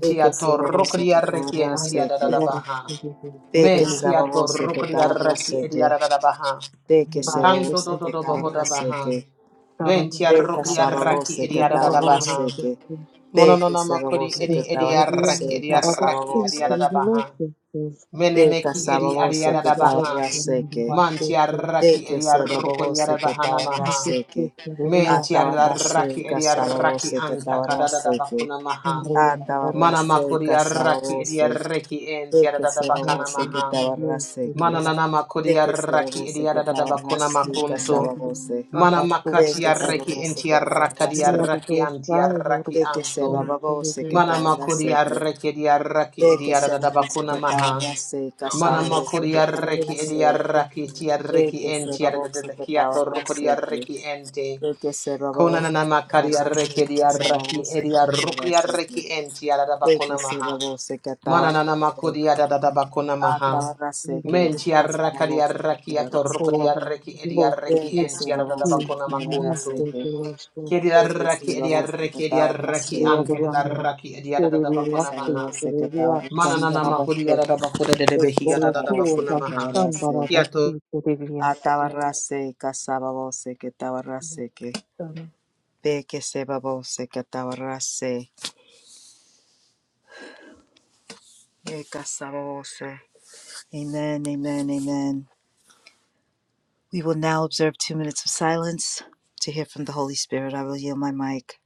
deca
to
seba voce que
rokuria
estaba
reki
Aynı
entia
rase,
da da
que
da
doğru
baha.
kiriri kiriri yapsa. Rostoro
deca saba
Mentia to
voce que
rokuria
estaba
reki
rase,
edia
que
da da da baha.
deca seba
Kanto
voce
do
seni
que
do do
estaba
kiyala
boho da
rase,
baha.
que
bakare
Bentia
deca
rokuria
saba
raki
voce que
edia
şerri
da da
estaba
da baha.
rase, que
yapsa.
deca
Mononona
seba
makuri
voce que
edi
This
estaba
edia
program
raki
rase,
edia
que
was
saba
raki
created
edia
to
da
voce,
da
develop
baha.
the skills
deca
Menemeki
saba
edi adia
voce
of
da
que
da
estaba
developers
baha.
in the
rase,
workplace.
Mantia raki
Teke
edia rokuria
sababose
da
que
bahana
This
maha.
is
tabarraseke.
the reason
Menti
why
arraki
Atabarraseca
edi arraki
sababose que
anta kadada
tabarraseke.
bakuna maha. Mana makuri
Atabarraseca
arraki edi
sababose.
arreki enti
Teke
arada
se
bakana
babose que
maha.
tabarraseke.
Mana nana makuri
Teke
arraki
sababose
edi
que
arada bakuna
tabarraseca
makunto.
sababose.
Mana makati
Teke
arreki
sababose
enti
que
arraka di
tabarrase.
we
arraki anti arraki
Teke se
anto.
babose que
Mana makuri
tabarraseke.
arreki edi arraki edi
Teke
arada
sababose
bakuna
que
maha.
tabarraseca
Mana
sababose
makuri
que
arreki
tabarrase.
edi arraki ti
Teke
arreki enti
sababose
arada
que
kiator kuri
tabarraseke.
arreki ente.
De que se
Kona
babó se
na
cataba
makari
la
arreki di
seca, sababó
arraki
se
edi
cataba la
arrukri
seca.
arreki enti adada
De que
bakuna
se
maha.
babó se cataba
Mana
la
na
seca,
makudi adada bakuna maha.
ataba la
are
seca,
Menti
here.
arrakari
casababó se
arraki
cataba la
atorruku
Ora,
di
seca.
arreki edi
rosto,
De
arreki
que se
enti
custo,
babó
adada
se
e
bakuna
cataba la
makuntu.
rimasto terrestre,
Kedi
que
arraki
se
edi
babó se
arreki edi
cataba la
arraki anti
loro
adada
andrà,
arraki edi
fuori
adada
di
que
bakuna
se
latte,
babó
maha.
se
fuori di
cataba la
latte
Mana na
andrà da
makudi
te,
adada bakuda de
que
behi
oro
adada
sababó se
bakuna
cuota,
cataba
maha.
la
standara
seca.
da
Kiato
te, fuori di
Ataba
latte.
la seca, casababó se cataba que se babó Amen, amen, amen. We will now observe two minutes of silence to hear from the Holy Spirit. I will yield my mic.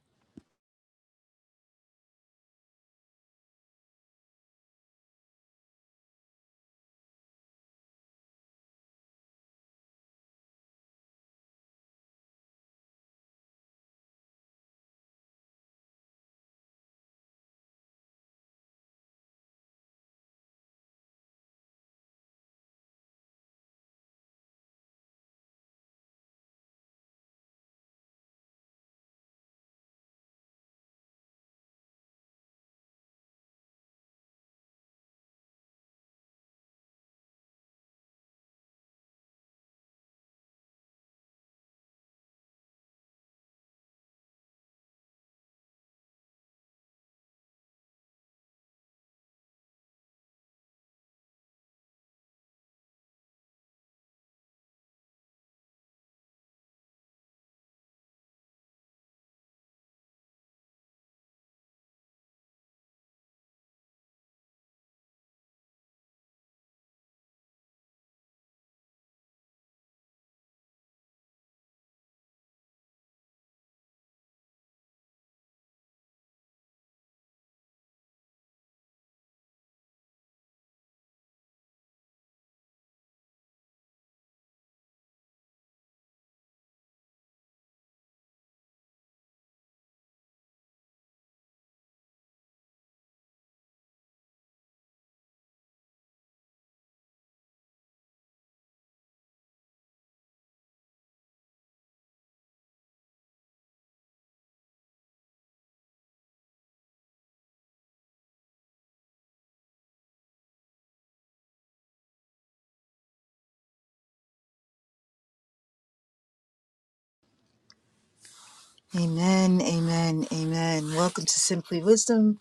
Amen, amen, amen. Welcome to Simply Wisdom,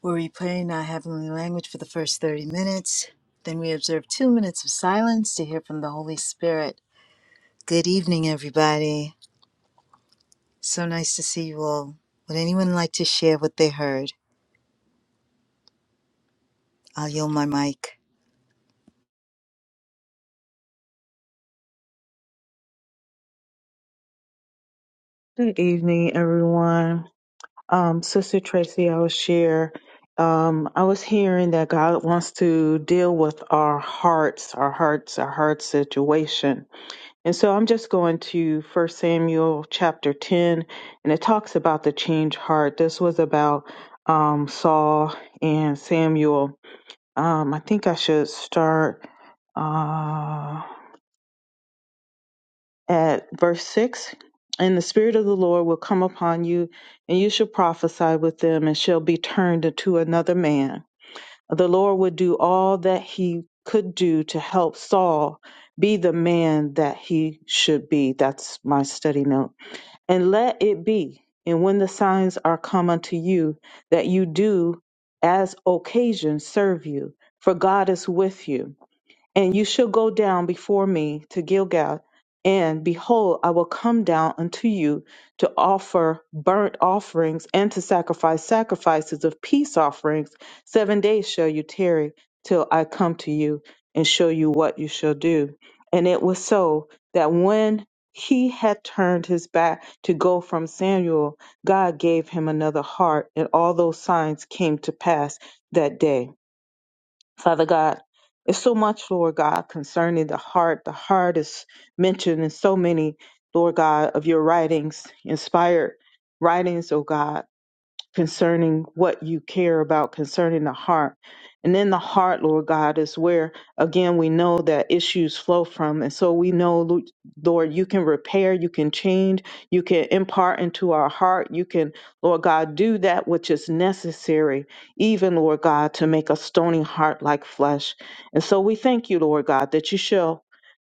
where we pray in our heavenly language for the first 30 minutes. Then we observe two minutes of silence to hear from the Holy Spirit. Good evening, everybody. So nice to see you all. Would anyone like to share what they heard? I'll yield my mic.
Good evening, everyone. Um, Sister Tracy, I will share. Um, I was hearing that God wants to deal with our hearts, our hearts, our heart situation And so I'm just going to First Samuel chapter 10, and it talks about the change heart. This was about um, Saul and Samuel. Um, I think I should start uh, at verse 6. And the Spirit of the Lord will come upon you, and you shall prophesy with them, and shall be turned into another man. The Lord would do all that he could do to help Saul be the man that he should be. That's my study note And let it be, and when the signs are come unto you, that you do as occasion serve you, for God is with you and you shall go down before me to Gilgal, and behold, I will come down unto you to offer burnt offerings and to sacrifice sacrifices of peace offerings. Seven days shall you tarry till I come to you and show you what you shall do. And it was so that when he had turned his back to go from Samuel, God gave him another heart, and all those signs came to pass that day. Father God, it's so much, Lord God, concerning the heart. The heart is mentioned in so many, Lord God, of your writings, inspired writings, oh God concerning what you care about concerning the heart. And in the heart, Lord God, is where, again, we know that issues flow from. And so we know, Lo- Lord, you can repair, you can change, you can impart into our heart. You can, Lord God, do that which is necessary, even, Lord God, to make a stony heart like flesh. And so we thank you, Lord God, that you shall.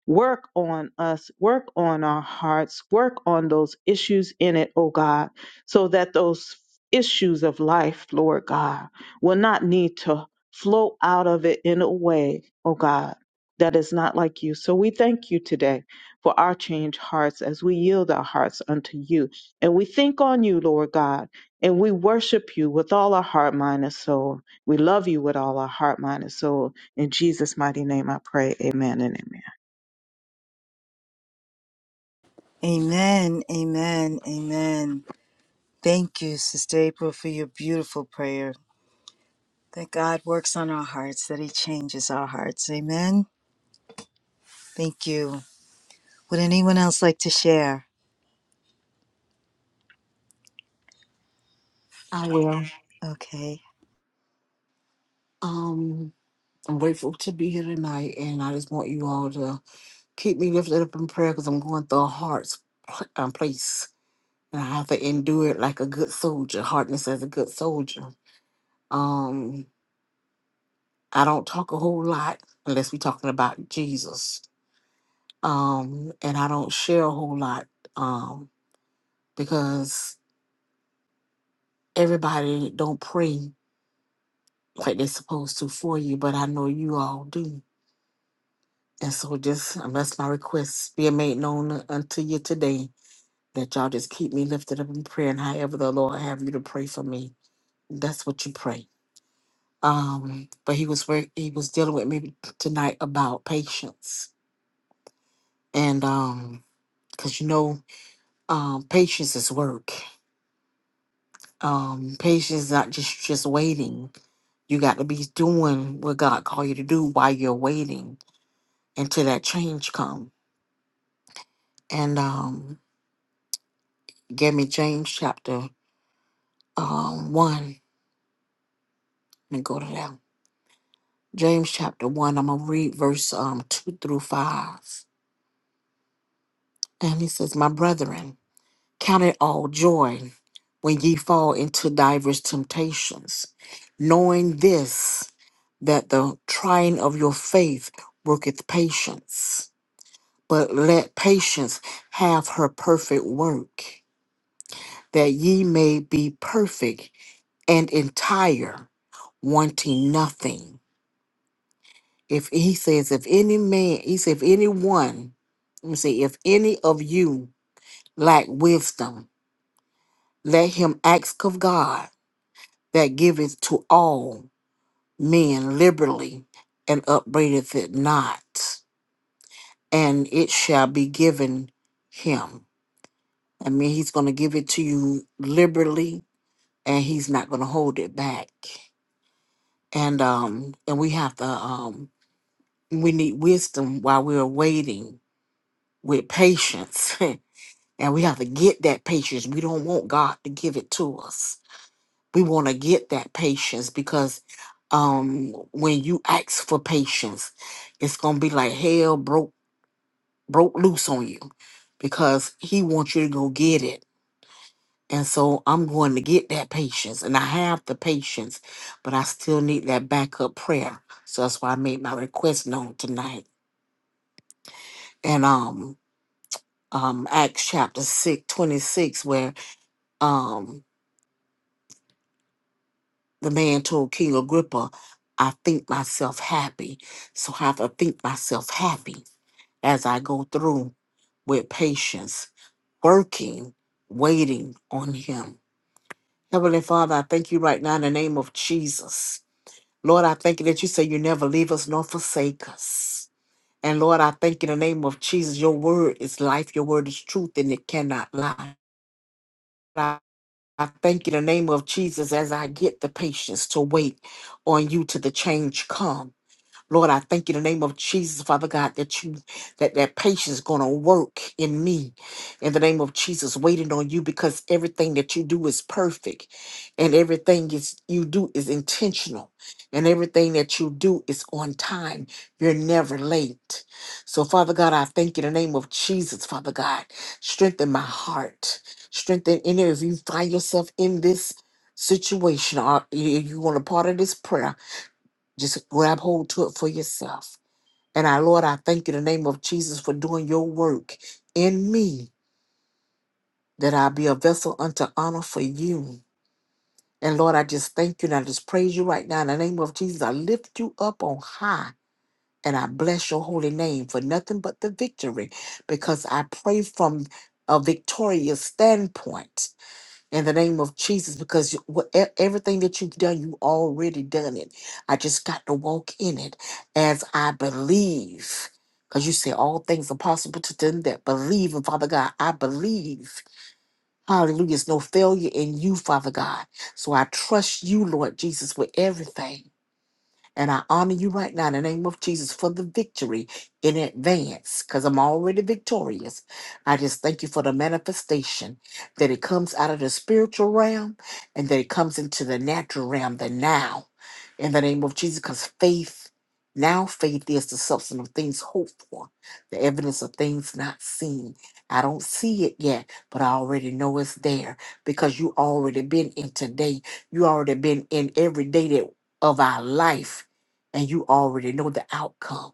Work on us, work on our hearts, work on those issues in it, oh God, so that those issues of life, Lord God, will not need to flow out of it in a way, oh God, that is not like you. So we thank you today for our changed hearts as we yield our hearts unto you. And we think on you, Lord God, and we worship you with all our heart, mind, and soul. We love you with all our heart, mind, and soul. In Jesus' mighty name I pray. Amen and amen.
Amen, amen, amen. Thank you, Sister April, for your beautiful prayer. that God works on our hearts, that He changes our hearts. Amen. Thank you. Would anyone else like to share?
I will.
Okay.
Um, I'm grateful to be here tonight, and I just want you all to keep me lifted up in prayer because I'm going through a hard s- pl- um, place, and I have to endure it like a good soldier. Hardness as a good soldier. Um, I don't talk a whole lot unless we're talking about Jesus. Um, and I don't share a whole lot. Um, because everybody don't pray like they're supposed to for you, but I know you all do And so just um, that's my request being made known unto you today that y'all just keep me lifted up in prayer and however the Lord have you to pray for me. That's what you pray. Um, but he was where he was dealing with me tonight about patience. And um, because you know, um patience is work. Um, patience is not just just waiting. You got to be doing what God called you to do while you're waiting until that change come. And um gave me James chapter um, 1. Let me go to that. James chapter 1. I'm going to read verse um, 2 through 5. And he says, My brethren, count it all joy when ye fall into divers temptations, knowing this, that the trying of your faith worketh patience. But let patience have her perfect work, that ye may be perfect and entire, wanting nothing. If he says, if any man, he said, if anyone, let me see, if any of you lack wisdom, let him ask of God that giveth to all men liberally and upbraideth it not, and it shall be given him. I mean, he's going to give it to you liberally, and he's not going to hold it back. And um, and we have to um, we need wisdom while we're waiting with patience. And we have to get that patience. We don't want God to give it to us. We want to get that patience because um when you ask for patience, it's gonna be like hell broke broke loose on you because he wants you to go get it. And so I'm going to get that patience and I have the patience, but I still need that backup prayer. So that's why I made my request known tonight. And um um Acts chapter 6 26 where um. the man told King Agrippa, I think myself happy. So I have to think myself happy as I go through with patience, working, waiting on him. Heavenly Father, I thank you right now in the name of Jesus. Lord, I thank you that you say you never leave us nor forsake us. And Lord, I thank you in the name of Jesus. Your word is life, your word is truth, and it cannot lie. I I thank you in the name of Jesus as I get the patience to wait on you till the change come. Lord, I thank you in the name of Jesus, Father God, that you that that patience is gonna work in me. In the name of Jesus, waiting on you because everything that you do is perfect, and everything is you do is intentional, and everything that you do is on time. You're never late. So, Father God, I thank you in the name of Jesus, Father God. Strengthen my heart. Strengthen any of you find yourself in this situation or you you want a part of this prayer. Just grab hold to it for yourself. And I, Lord, I thank you in the name of Jesus for doing your work in me, that I be a vessel unto honor for you. And Lord, I just thank you and I just praise you right now in the name of Jesus. I lift you up on high and I bless your holy name for nothing but the victory because I pray from a victorious standpoint. in the name of Jesus because you- what- e- everything that you've done, you already done it. I just got to walk in it as I believe. Because you say all things are possible to them that believe. And Father God, I believe. Hallelujah. There's no failure in you, Father God. So I trust you, Lord Jesus, with everything. And I honor you right now in the name of Jesus for the victory in advance because I'm already victorious. I just thank you for the manifestation that it comes out of the spiritual realm and that it comes into the natural realm, the now, in the name of Jesus, because faith, now faith is the substance of things hoped for, the evidence of things not seen. I don't see it yet, but I already know it's there because you already been in today. You already been in every day that of our life and you already know the outcome.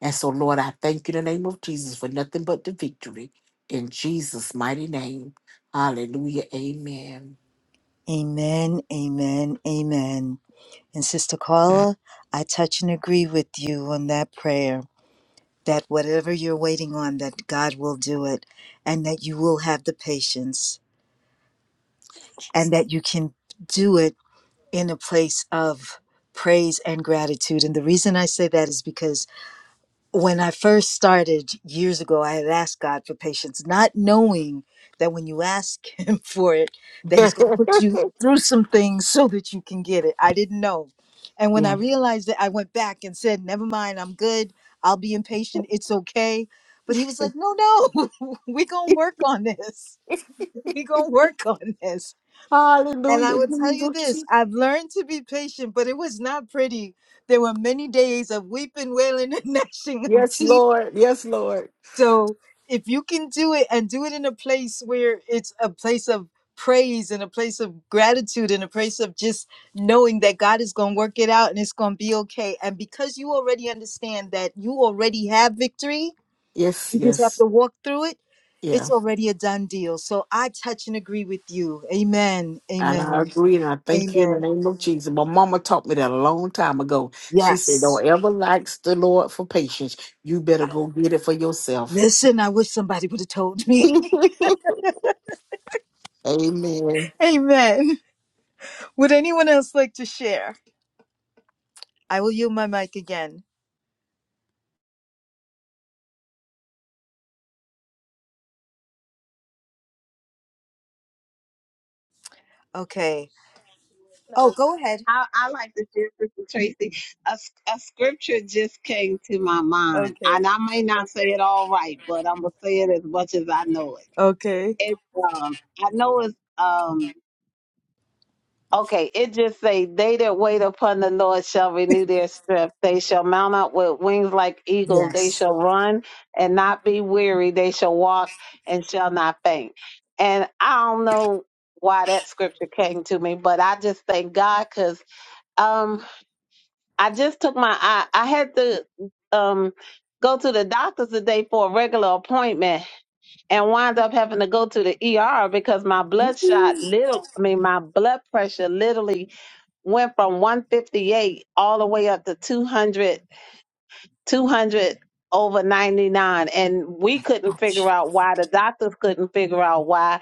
And so, Lord, I thank you in the name of Jesus for nothing but the victory in Jesus' mighty name. Hallelujah. Amen.
Amen. Amen. Amen. And Sister Carla, I touch and agree with you on that prayer that whatever you're waiting on, that God will do it and that you will have the patience and that you can do it in a place of praise and gratitude. And the reason I say that is because when I first started years ago, I had asked God for patience, not knowing that when you ask Him for it, that He's going to put you through some things so that you can get it. I didn't know. And when I
yeah.
realized that, I went back and said, Never mind, I'm good. I'll be impatient. It's okay. But He was like, No, no, we're going to work on this. We're going to work on this. And I
Hallelujah,
will tell you
Jesus.
this I've learned to be patient, but it was not pretty. There were many days of weeping, wailing, and gnashing of
Yes,
teeth
Lord. Yes, Lord.
so if you can do it and do it in a place where it's a place of praise and a place of gratitude and a place of just knowing that God is going to work it out and it's going to be okay. And because you already understand that you already have victory,
Yes,
you just have
yes.
to walk through it.
Yeah.
It's already a done deal. So I touch and agree with you. Amen.
And I
Amen.
agree and I thank you in the
Amen.
name of Jesus. My mama taught me that a long time ago. She said,
Yes.
Don't ever lack the Lord for patience. You better go get it for yourself.
Listen, I wish somebody would have told me.
Amen.
Amen. Would anyone else like to share? I will yield my mic again. Okay. Oh,
No,
go ahead.
I, I like to share, Sister Tracy. A, s- a scripture just came to my mind,
Okay.
and I may not say it all right, but I'm gonna say it as much as I know it.
Okay.
It's um, I know it's um, okay. It just say, "They that wait upon the Lord shall renew their strength. They shall mount up with wings like eagles. They
Yes.
shall run and not be weary. They shall walk and shall not faint." And I don't know why that scripture came to me, but I just thank God because I just took my I I had to um go to the doctor's today for a regular appointment and wound up having to go to the ER because my blood shot little I mean my blood pressure literally went from 158 all the way up to 200 200 over 99 and we couldn't figure out why the doctors couldn't figure out why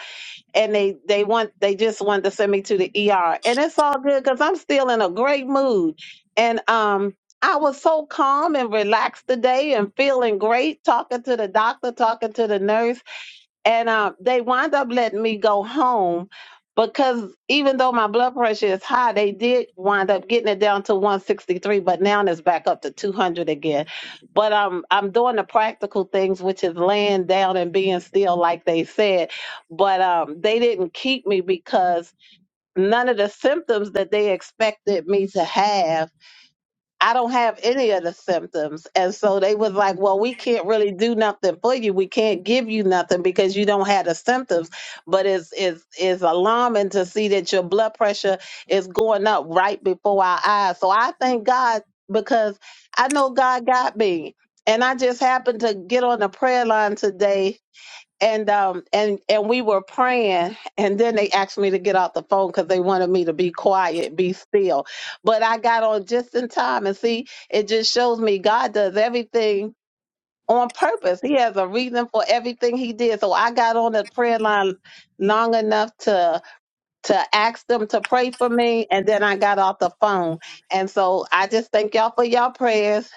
and they they want they just wanted to send me to the ER. And it's all good because I'm still in a great mood. And um I was so calm and relaxed today and feeling great talking to the doctor, talking to the nurse and uh, they wind up letting me go home because even though my blood pressure is high, they did wind up getting it down to 163, but now it's back up to 200 again. But um, I'm doing the practical things, which is laying down and being still, like they said. But um, they didn't keep me because none of the symptoms that they expected me to have I don't have any of the symptoms. And so they was like, well, we can't really do nothing for you. We can't give you nothing because you don't have the symptoms. But it's it's it's alarming to see that your blood pressure is going up right before our eyes. So I thank God because I know God got me. And I just happened to get on the prayer line today and um and and we were praying and then they asked me to get off the phone because they wanted me to be quiet be still but i got on just in time and see it just shows me god does everything on purpose he has a reason for everything he did so i got on the prayer line long enough to to ask them to pray for me and then i got off the phone and so i just thank y'all for y'all prayers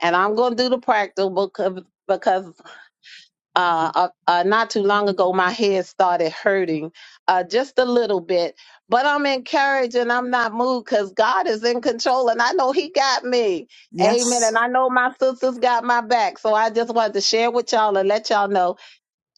and i'm gonna do the practical because uh, uh, uh, not too long ago, my head started hurting uh, just a little bit, but I'm encouraged and I'm not moved because God is in control and I know He got me. Amen.
Yes.
And I know my sisters got my back. So I just wanted to share with y'all and let y'all know,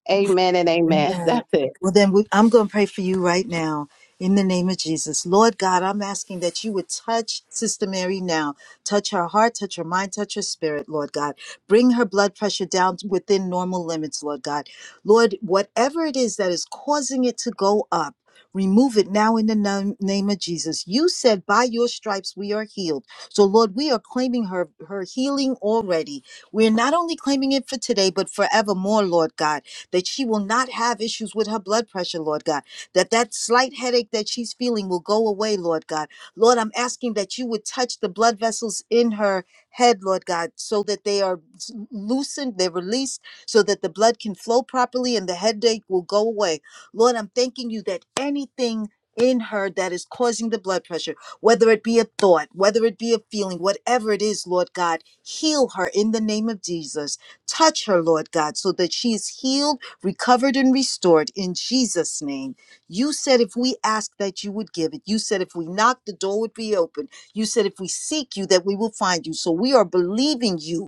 Amen and Amen.
Amen.
That's it.
Well, then we, I'm going to pray for you right now in the name of Jesus. Lord God, I'm asking that you would touch Sister Mary now. Touch her heart, touch her mind, touch her spirit, Lord God. Bring her blood pressure down to within normal limits, Lord God. Lord, whatever it is that is causing it to go up, remove it now in the nam- name of Jesus. You said, by your stripes we are healed. So, Lord, we are claiming her, her healing already. We're not only claiming it for today, but forevermore, Lord God that she will not have issues with her blood pressure, Lord God, that that slight headache that she's feeling will go away, Lord God. Lord, I'm asking that you would touch the blood vessels in her head, Lord God, so that they are s- loosened, they're released, so that the blood can flow properly and the headache will go away. Lord, I'm thanking you that anything in her that is causing the blood pressure, whether it be a thought, whether it be a feeling, whatever it is, Lord God, heal her in the name of Jesus. Touch her, Lord God, so that she is healed recovered and restored in Jesus' name. You said if we ask that you would give it. You said if we knock, the door would be open. You said if we seek you, that we will find you. So we are believing you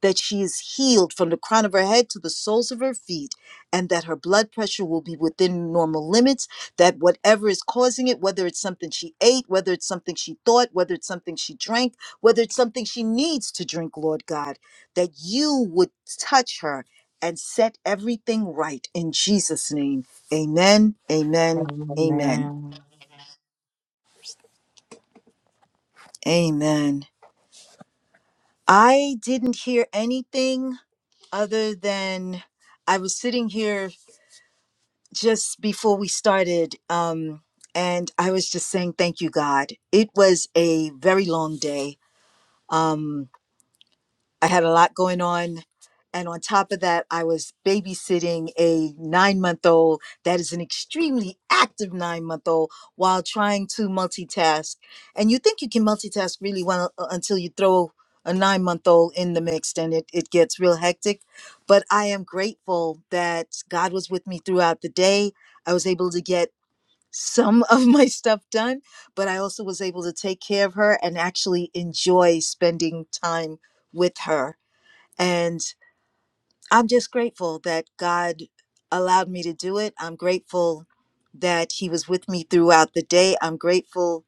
that she is healed from the crown of her head to the soles of her feet, and that her blood pressure will be within normal limits, that whatever is causing it, whether it's something she ate, whether it's something she thought, whether it's something she drank, whether it's something she needs to drink, Lord God, that you would touch her and set everything right in Jesus' name. Amen, amen, amen,
Amen.
amen. I didn't hear anything other than I was sitting here just before we started, um, and I was just saying, thank you, God. It was a very long day. Um, I had a lot going on. And on top of that, I was babysitting a nine month old that is an extremely active nine month old while trying to multitask. And you think you can multitask really well uh, until you throw a nine month old in the mix and it, it gets real hectic. But I am grateful that God was with me throughout the day. I was able to get some of my stuff done, but I also was able to take care of her and actually enjoy spending time with her and I'm just grateful that God allowed me to do it. I'm grateful that He was with me throughout the day. I'm grateful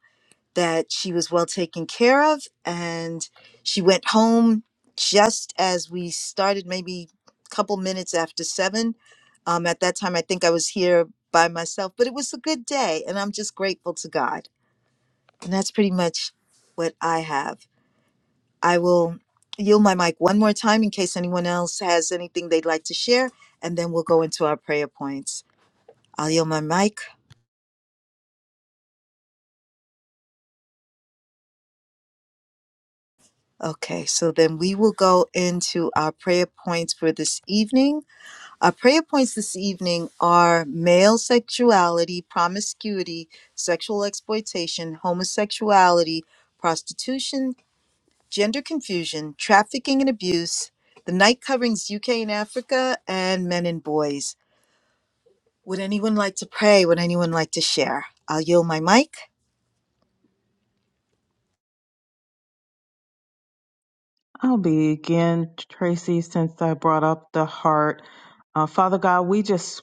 that she was well taken care of. And she went home just as we started, maybe a couple minutes after seven. Um, at that time, I think I was here by myself, but it was a good day. And I'm just grateful to God. And that's pretty much what I have. I will yield my mic one more time in case anyone else has anything they'd like to share, and then we'll go into our prayer points. I'll yield my mic. Okay, so then we will go into our prayer points for this evening. Our prayer points this evening are male sexuality, promiscuity, sexual exploitation, homosexuality, prostitution, gender confusion, trafficking and abuse, the night coverings UK and Africa, and men and boys. Would anyone like to pray? Would anyone like to share? I'll yield my mic.
I'll begin, Tracy, since I brought up the heart. Uh, Father God, we just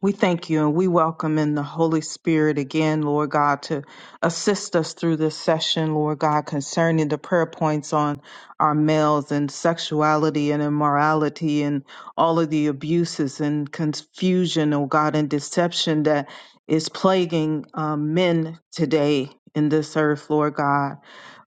We thank you and we welcome in the Holy Spirit again, Lord God, to assist us through this session, Lord God, concerning the prayer points on our males and sexuality and immorality and all of the abuses and confusion, oh God, and deception that is plaguing um, men today in this earth, Lord God.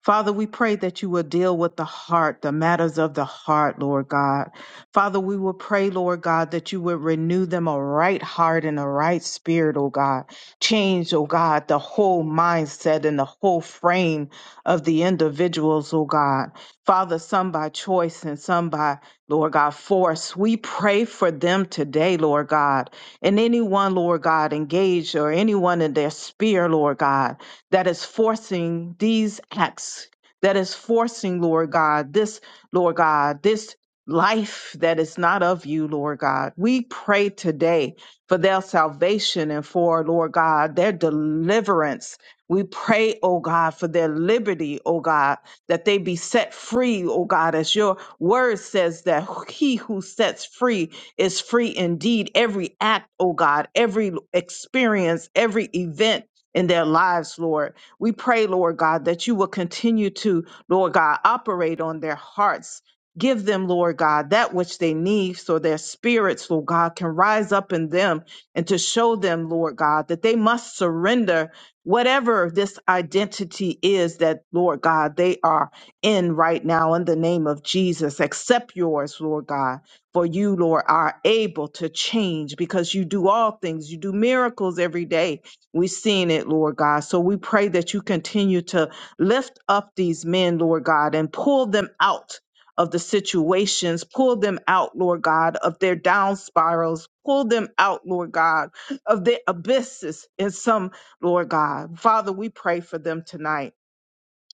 Father, we pray that you will deal with the heart, the matters of the heart, Lord God. Father, we will pray, Lord God, that you would renew them a right heart and a right spirit, oh God. Change, oh God, the whole mindset and the whole frame of the individuals, oh God. Father, some by choice and some by, Lord God, force. We pray for them today, Lord God. And anyone, Lord God, engaged or anyone in their sphere, Lord God, that is forcing these acts, that is forcing, Lord God, this, Lord God, this life that is not of you, Lord God. We pray today for their salvation and for, Lord God, their deliverance. We pray, oh God, for their liberty, oh God, that they be set free, oh God, as your word says that he who sets free is free indeed. Every act, oh God, every experience, every event in their lives, Lord. We pray, Lord God, that you will continue to, Lord God, operate on their hearts Give them, Lord God, that which they need so their spirits, Lord God, can rise up in them and to show them, Lord God, that they must surrender whatever this identity is that, Lord God, they are in right now in the name of Jesus. Accept yours, Lord God, for you, Lord, are able to change because you do all things. You do miracles every day. We've seen it, Lord God. So we pray that you continue to lift up these men, Lord God, and pull them out of the situations. Pull them out, Lord God, of their down spirals. Pull them out, Lord God, of their abysses in some, Lord God. Father, we pray for them tonight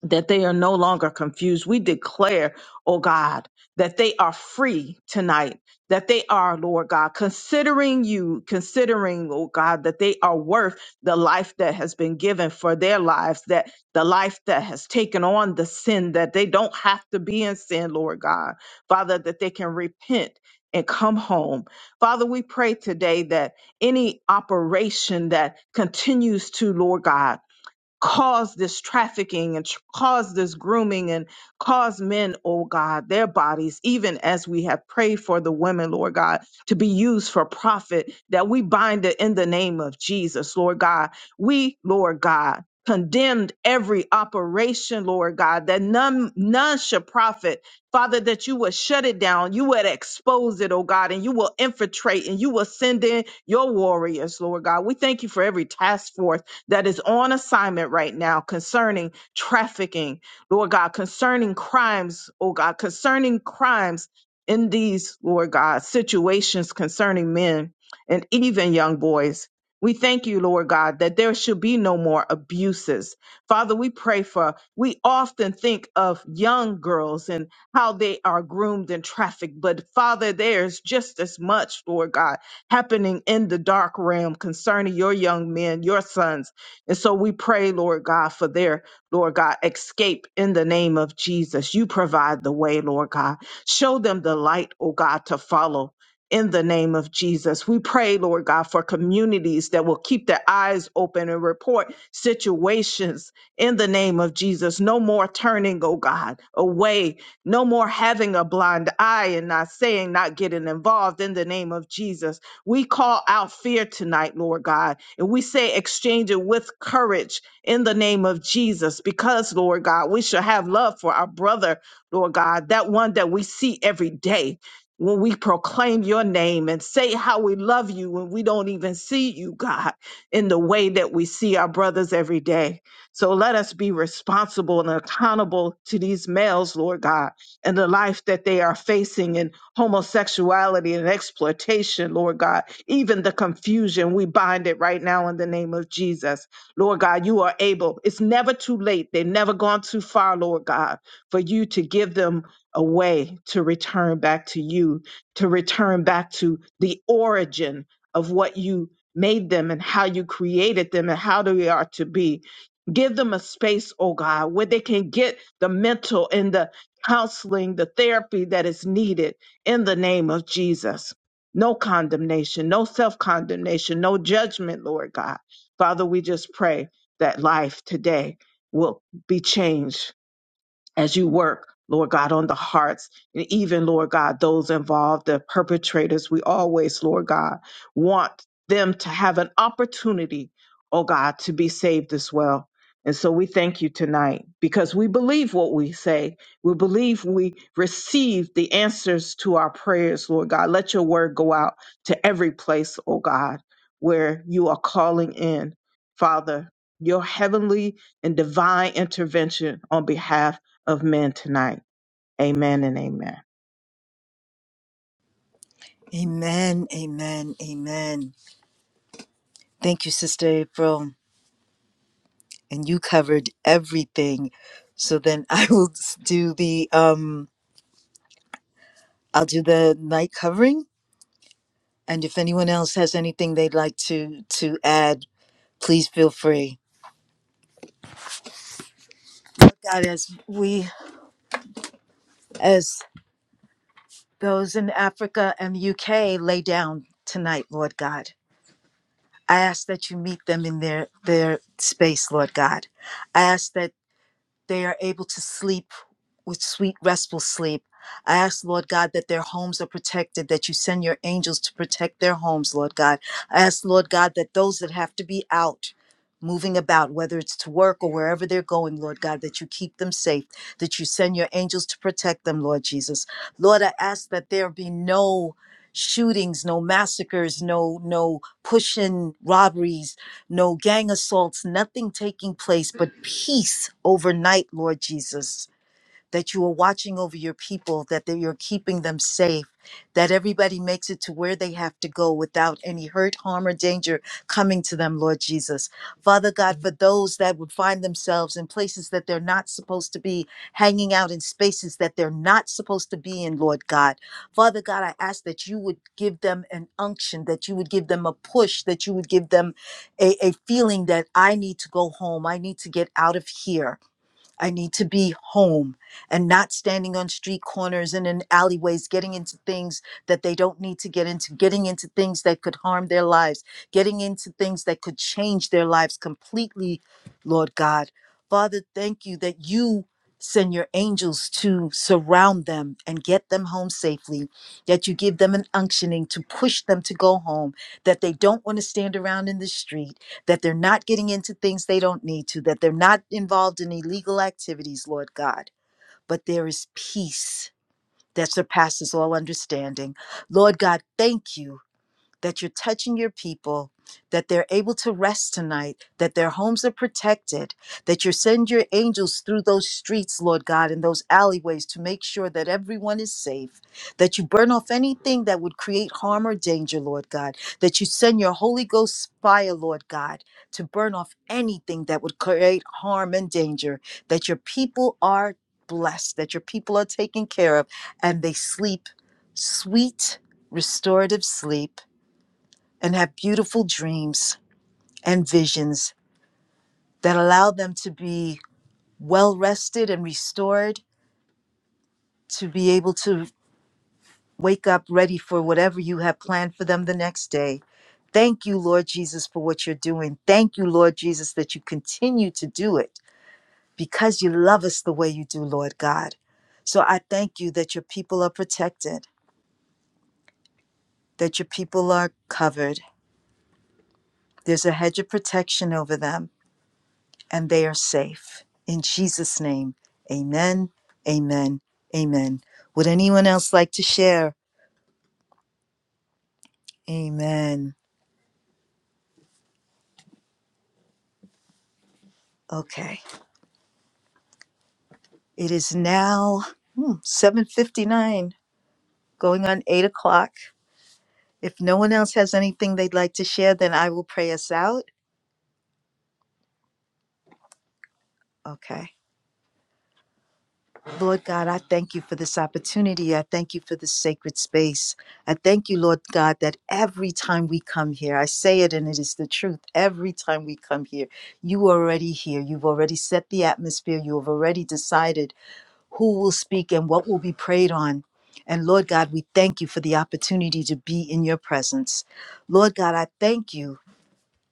that they are no longer confused. We declare, oh God, that they are free tonight, that they are, Lord God, considering you, considering, oh God, that they are worth the life that has been given for their lives, that the life that has taken on the sin, that they don't have to be in sin, Lord God. Father, that they can repent. And come home. Father, we pray today that any operation that continues to, Lord God, cause this trafficking and tr- cause this grooming and cause men, oh God, their bodies, even as we have prayed for the women, Lord God, to be used for profit, that we bind it in the name of Jesus, Lord God. We, Lord God, condemned every operation, Lord God, that none none should profit. Father, that you would shut it down, you would expose it, oh God, and you will infiltrate and you will send in your warriors, Lord God. We thank you for every task force that is on assignment right now concerning trafficking, Lord God, concerning crimes, oh God, concerning crimes in these, Lord God, situations concerning men and even young boys. We thank you, Lord God, that there should be no more abuses. Father, we pray for, we often think of young girls and how they are groomed and trafficked, but Father, there's just as much, Lord God, happening in the dark realm concerning your young men, your sons and so we pray, Lord God, for their, Lord God, escape in the name of Jesus. You provide the way, Lord God. Show them the light, oh God, to follow. In the name of Jesus, we pray, Lord God, for communities that will keep their eyes open and report situations in the name of Jesus. No more turning, oh God, away. No more having a blind eye and not saying, not getting involved in the name of Jesus. We call out fear tonight, Lord God and we say exchange it with courage in the name of Jesus because, Lord God, we shall have love for our brother, Lord God, that one that we see every day. When we proclaim your name and say how we love you when we don't even see you, God, in the way that we see our brothers every day. So let us be responsible and accountable to these males, Lord God, and the life that they are facing in homosexuality and exploitation, Lord God even the confusion, we bind it right now in the name of Jesus. Lord God, you are able. It's never too late. They've never gone too far, Lord God, for you to give them a way to return back to you, to return back to the origin of what you made them and how you created them and how they are to be. Give them a space, oh God, where they can get the mental and the counseling, the therapy that is needed in the name of Jesus no condemnation, no self condemnation, no judgment, Lord God. Father, we just pray that life today will be changed as you work, Lord God, on the hearts and even, Lord God, those involved, the perpetrators. We always, Lord God, want them to have an opportunity, oh God, to be saved as well. And so we thank you tonight because we believe what we say. We believe we receive the answers to our prayers, Lord God. Let your word go out to every place, oh God, where you are calling in, Father, your heavenly and divine intervention on behalf of men tonight. Amen and amen.
Amen, amen, amen. Thank you, Sister April. And you covered everything. So then I will s- do the um I'll do the night covering. And if anyone else has anything they'd like to to add, please feel free. God, as we as those in Africa and the UK lay down tonight, Lord God. I ask that you meet them in their, their space, Lord God. I ask that they are able to sleep with sweet, restful sleep. I ask, Lord God, that their homes are protected, that you send your angels to protect their homes, Lord God. I ask, Lord God, that those that have to be out, moving about, whether it's to work or wherever they're going, Lord God, that you keep them safe, that you send your angels to protect them, Lord Jesus. Lord, I ask that there be no shootings no massacres no no pushing robberies no gang assaults, nothing taking place, but peace overnight, Lord Jesus that you are watching over your people, that they- you're keeping them safe, that everybody makes it to where they have to go without any hurt, harm, or danger coming to them, Lord Jesus. Father God, for those that would find themselves in places that they're not supposed to be, hanging out in spaces that they're not supposed to be in, Lord God. Father God, I ask that you would give them an unction, that you would give them a push, that you would give them a, a feeling that I need to go home, I need to get out of here. I need to be home and not standing on street corners and in alleyways, getting into things that they don't need to get into, getting into things that could harm their lives, getting into things that could change their lives completely, Lord God. Father, thank you that you send your angels to surround them and get them home safely, that you give them an unctioning to push them to go home, that they don't want to stand around in the street that they're not getting into things they don't need to, that they're not involved in illegal activities, Lord God. But there is peace that surpasses all understanding. Lord God, thank you that you're touching your people, that they're able to rest tonight, that their homes are protected, that you send your angels through those streets, Lord God, and those alleyways to make sure that everyone is safe, that you burn off anything that would create harm or danger, Lord God, that you send your Holy Ghost fire, Lord God, to burn off anything that would create harm and danger, that your people are blessed, that your people are taken care of, and they sleep sweet, restorative sleep and have beautiful dreams and visions that allow them to be well rested and restored, to be able to wake up ready for whatever you have planned for them the next day. Thank you, Lord Jesus, for what you're doing. Thank you, Lord Jesus, that you continue to do it because you love us the way you do, Lord God. So I thank you that your people are protected, that your people are covered. There's a hedge of protection over them and they are safe. In Jesus' name, amen, amen, amen. Would anyone else like to share? Amen. Okay, it is now hmm, 7.59, going on 8 o'clock. If no one else has anything they'd like to share, then I will pray us out. Okay. Lord God, I thank you for this opportunity. I thank you for this sacred space. I thank you, Lord God, that every time we come here, I say it and it is the truth. Every time we come here, you are already here. You've already set the atmosphere. You have already decided who will speak and what will be prayed on. And Lord God, we thank you for the opportunity to be in your presence. Lord God, I thank you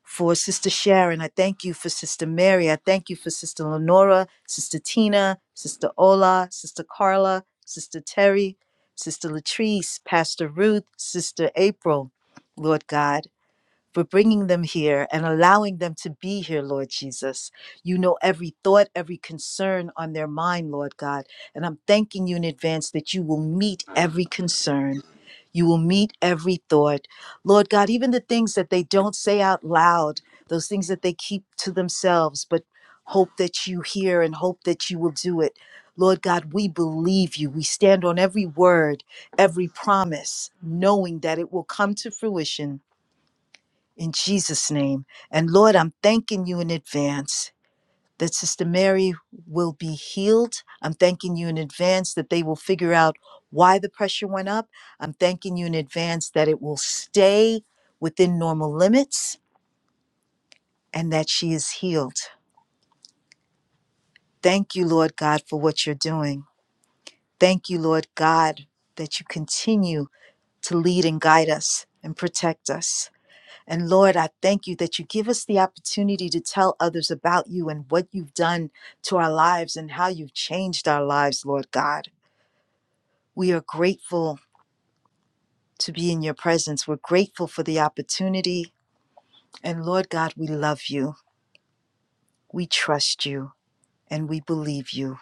for Sister Sharon. I thank you for Sister Mary. I thank you for Sister Lenora, Sister Tina, Sister Ola, Sister Carla, Sister Terry, Sister Latrice, Pastor Ruth, Sister April, Lord God. For bringing them here and allowing them to be here, Lord Jesus. You know every thought, every concern on their mind, Lord God. And I'm thanking you in advance that you will meet every concern. You will meet every thought. Lord God, even the things that they don't say out loud, those things that they keep to themselves, but hope that you hear and hope that you will do it. Lord God, we believe you. We stand on every word, every promise, knowing that it will come to fruition in Jesus' name. And Lord, I'm thanking you in advance that Sister Mary will be healed. I'm thanking you in advance that they will figure out why the pressure went up. I'm thanking you in advance that it will stay within normal limits and that she is healed. Thank you, Lord God, for what you're doing. Thank you, Lord God, that you continue to lead and guide us and protect us. And Lord, I thank you that you give us the opportunity to tell others about you and what you've done to our lives and how you've changed our lives, Lord God. We are grateful to be in your presence. We're grateful for the opportunity. And Lord God, we love you. We trust you and we believe you.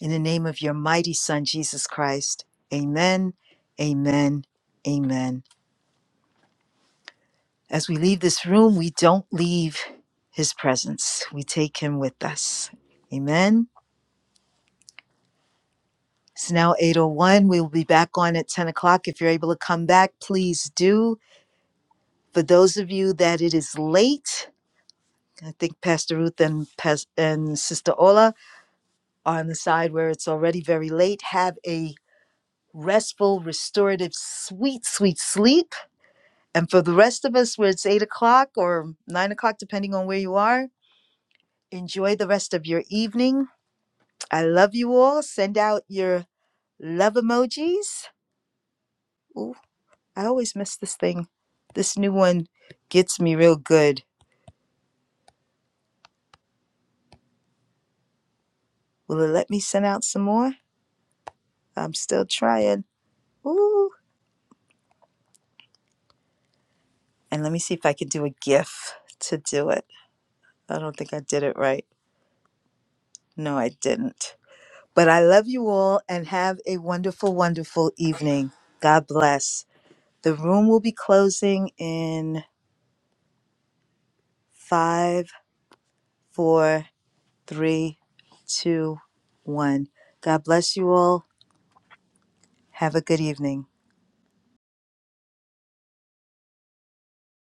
In the name of your mighty Son, Jesus Christ. Amen, amen, amen. As we leave this room, we don't leave his presence, we take him with us. Amen. It's now 8.01. We'll be back on at 10 o'clock. If you're able to come back, please do. For those of you that it is late, I think Pastor Ruth and Pas- and Sister Ola are on the side where it's already very late. Have a restful, restorative, sweet, sweet sleep. And for the rest of us, where it's eight o'clock or nine o'clock, depending on where you are, enjoy the rest of your evening. I love you all. Send out your love emojis. Ooh, I always miss this thing. This new one gets me real good. Will it let me send out some more? I'm still trying. Ooh. And let me see if I could do a GIF to do it. I don't think I did it right. No, I didn't. But I love you all and have a wonderful, wonderful evening. God bless. The room will be closing in five, four, three, two, one. God bless you all. Have a good evening.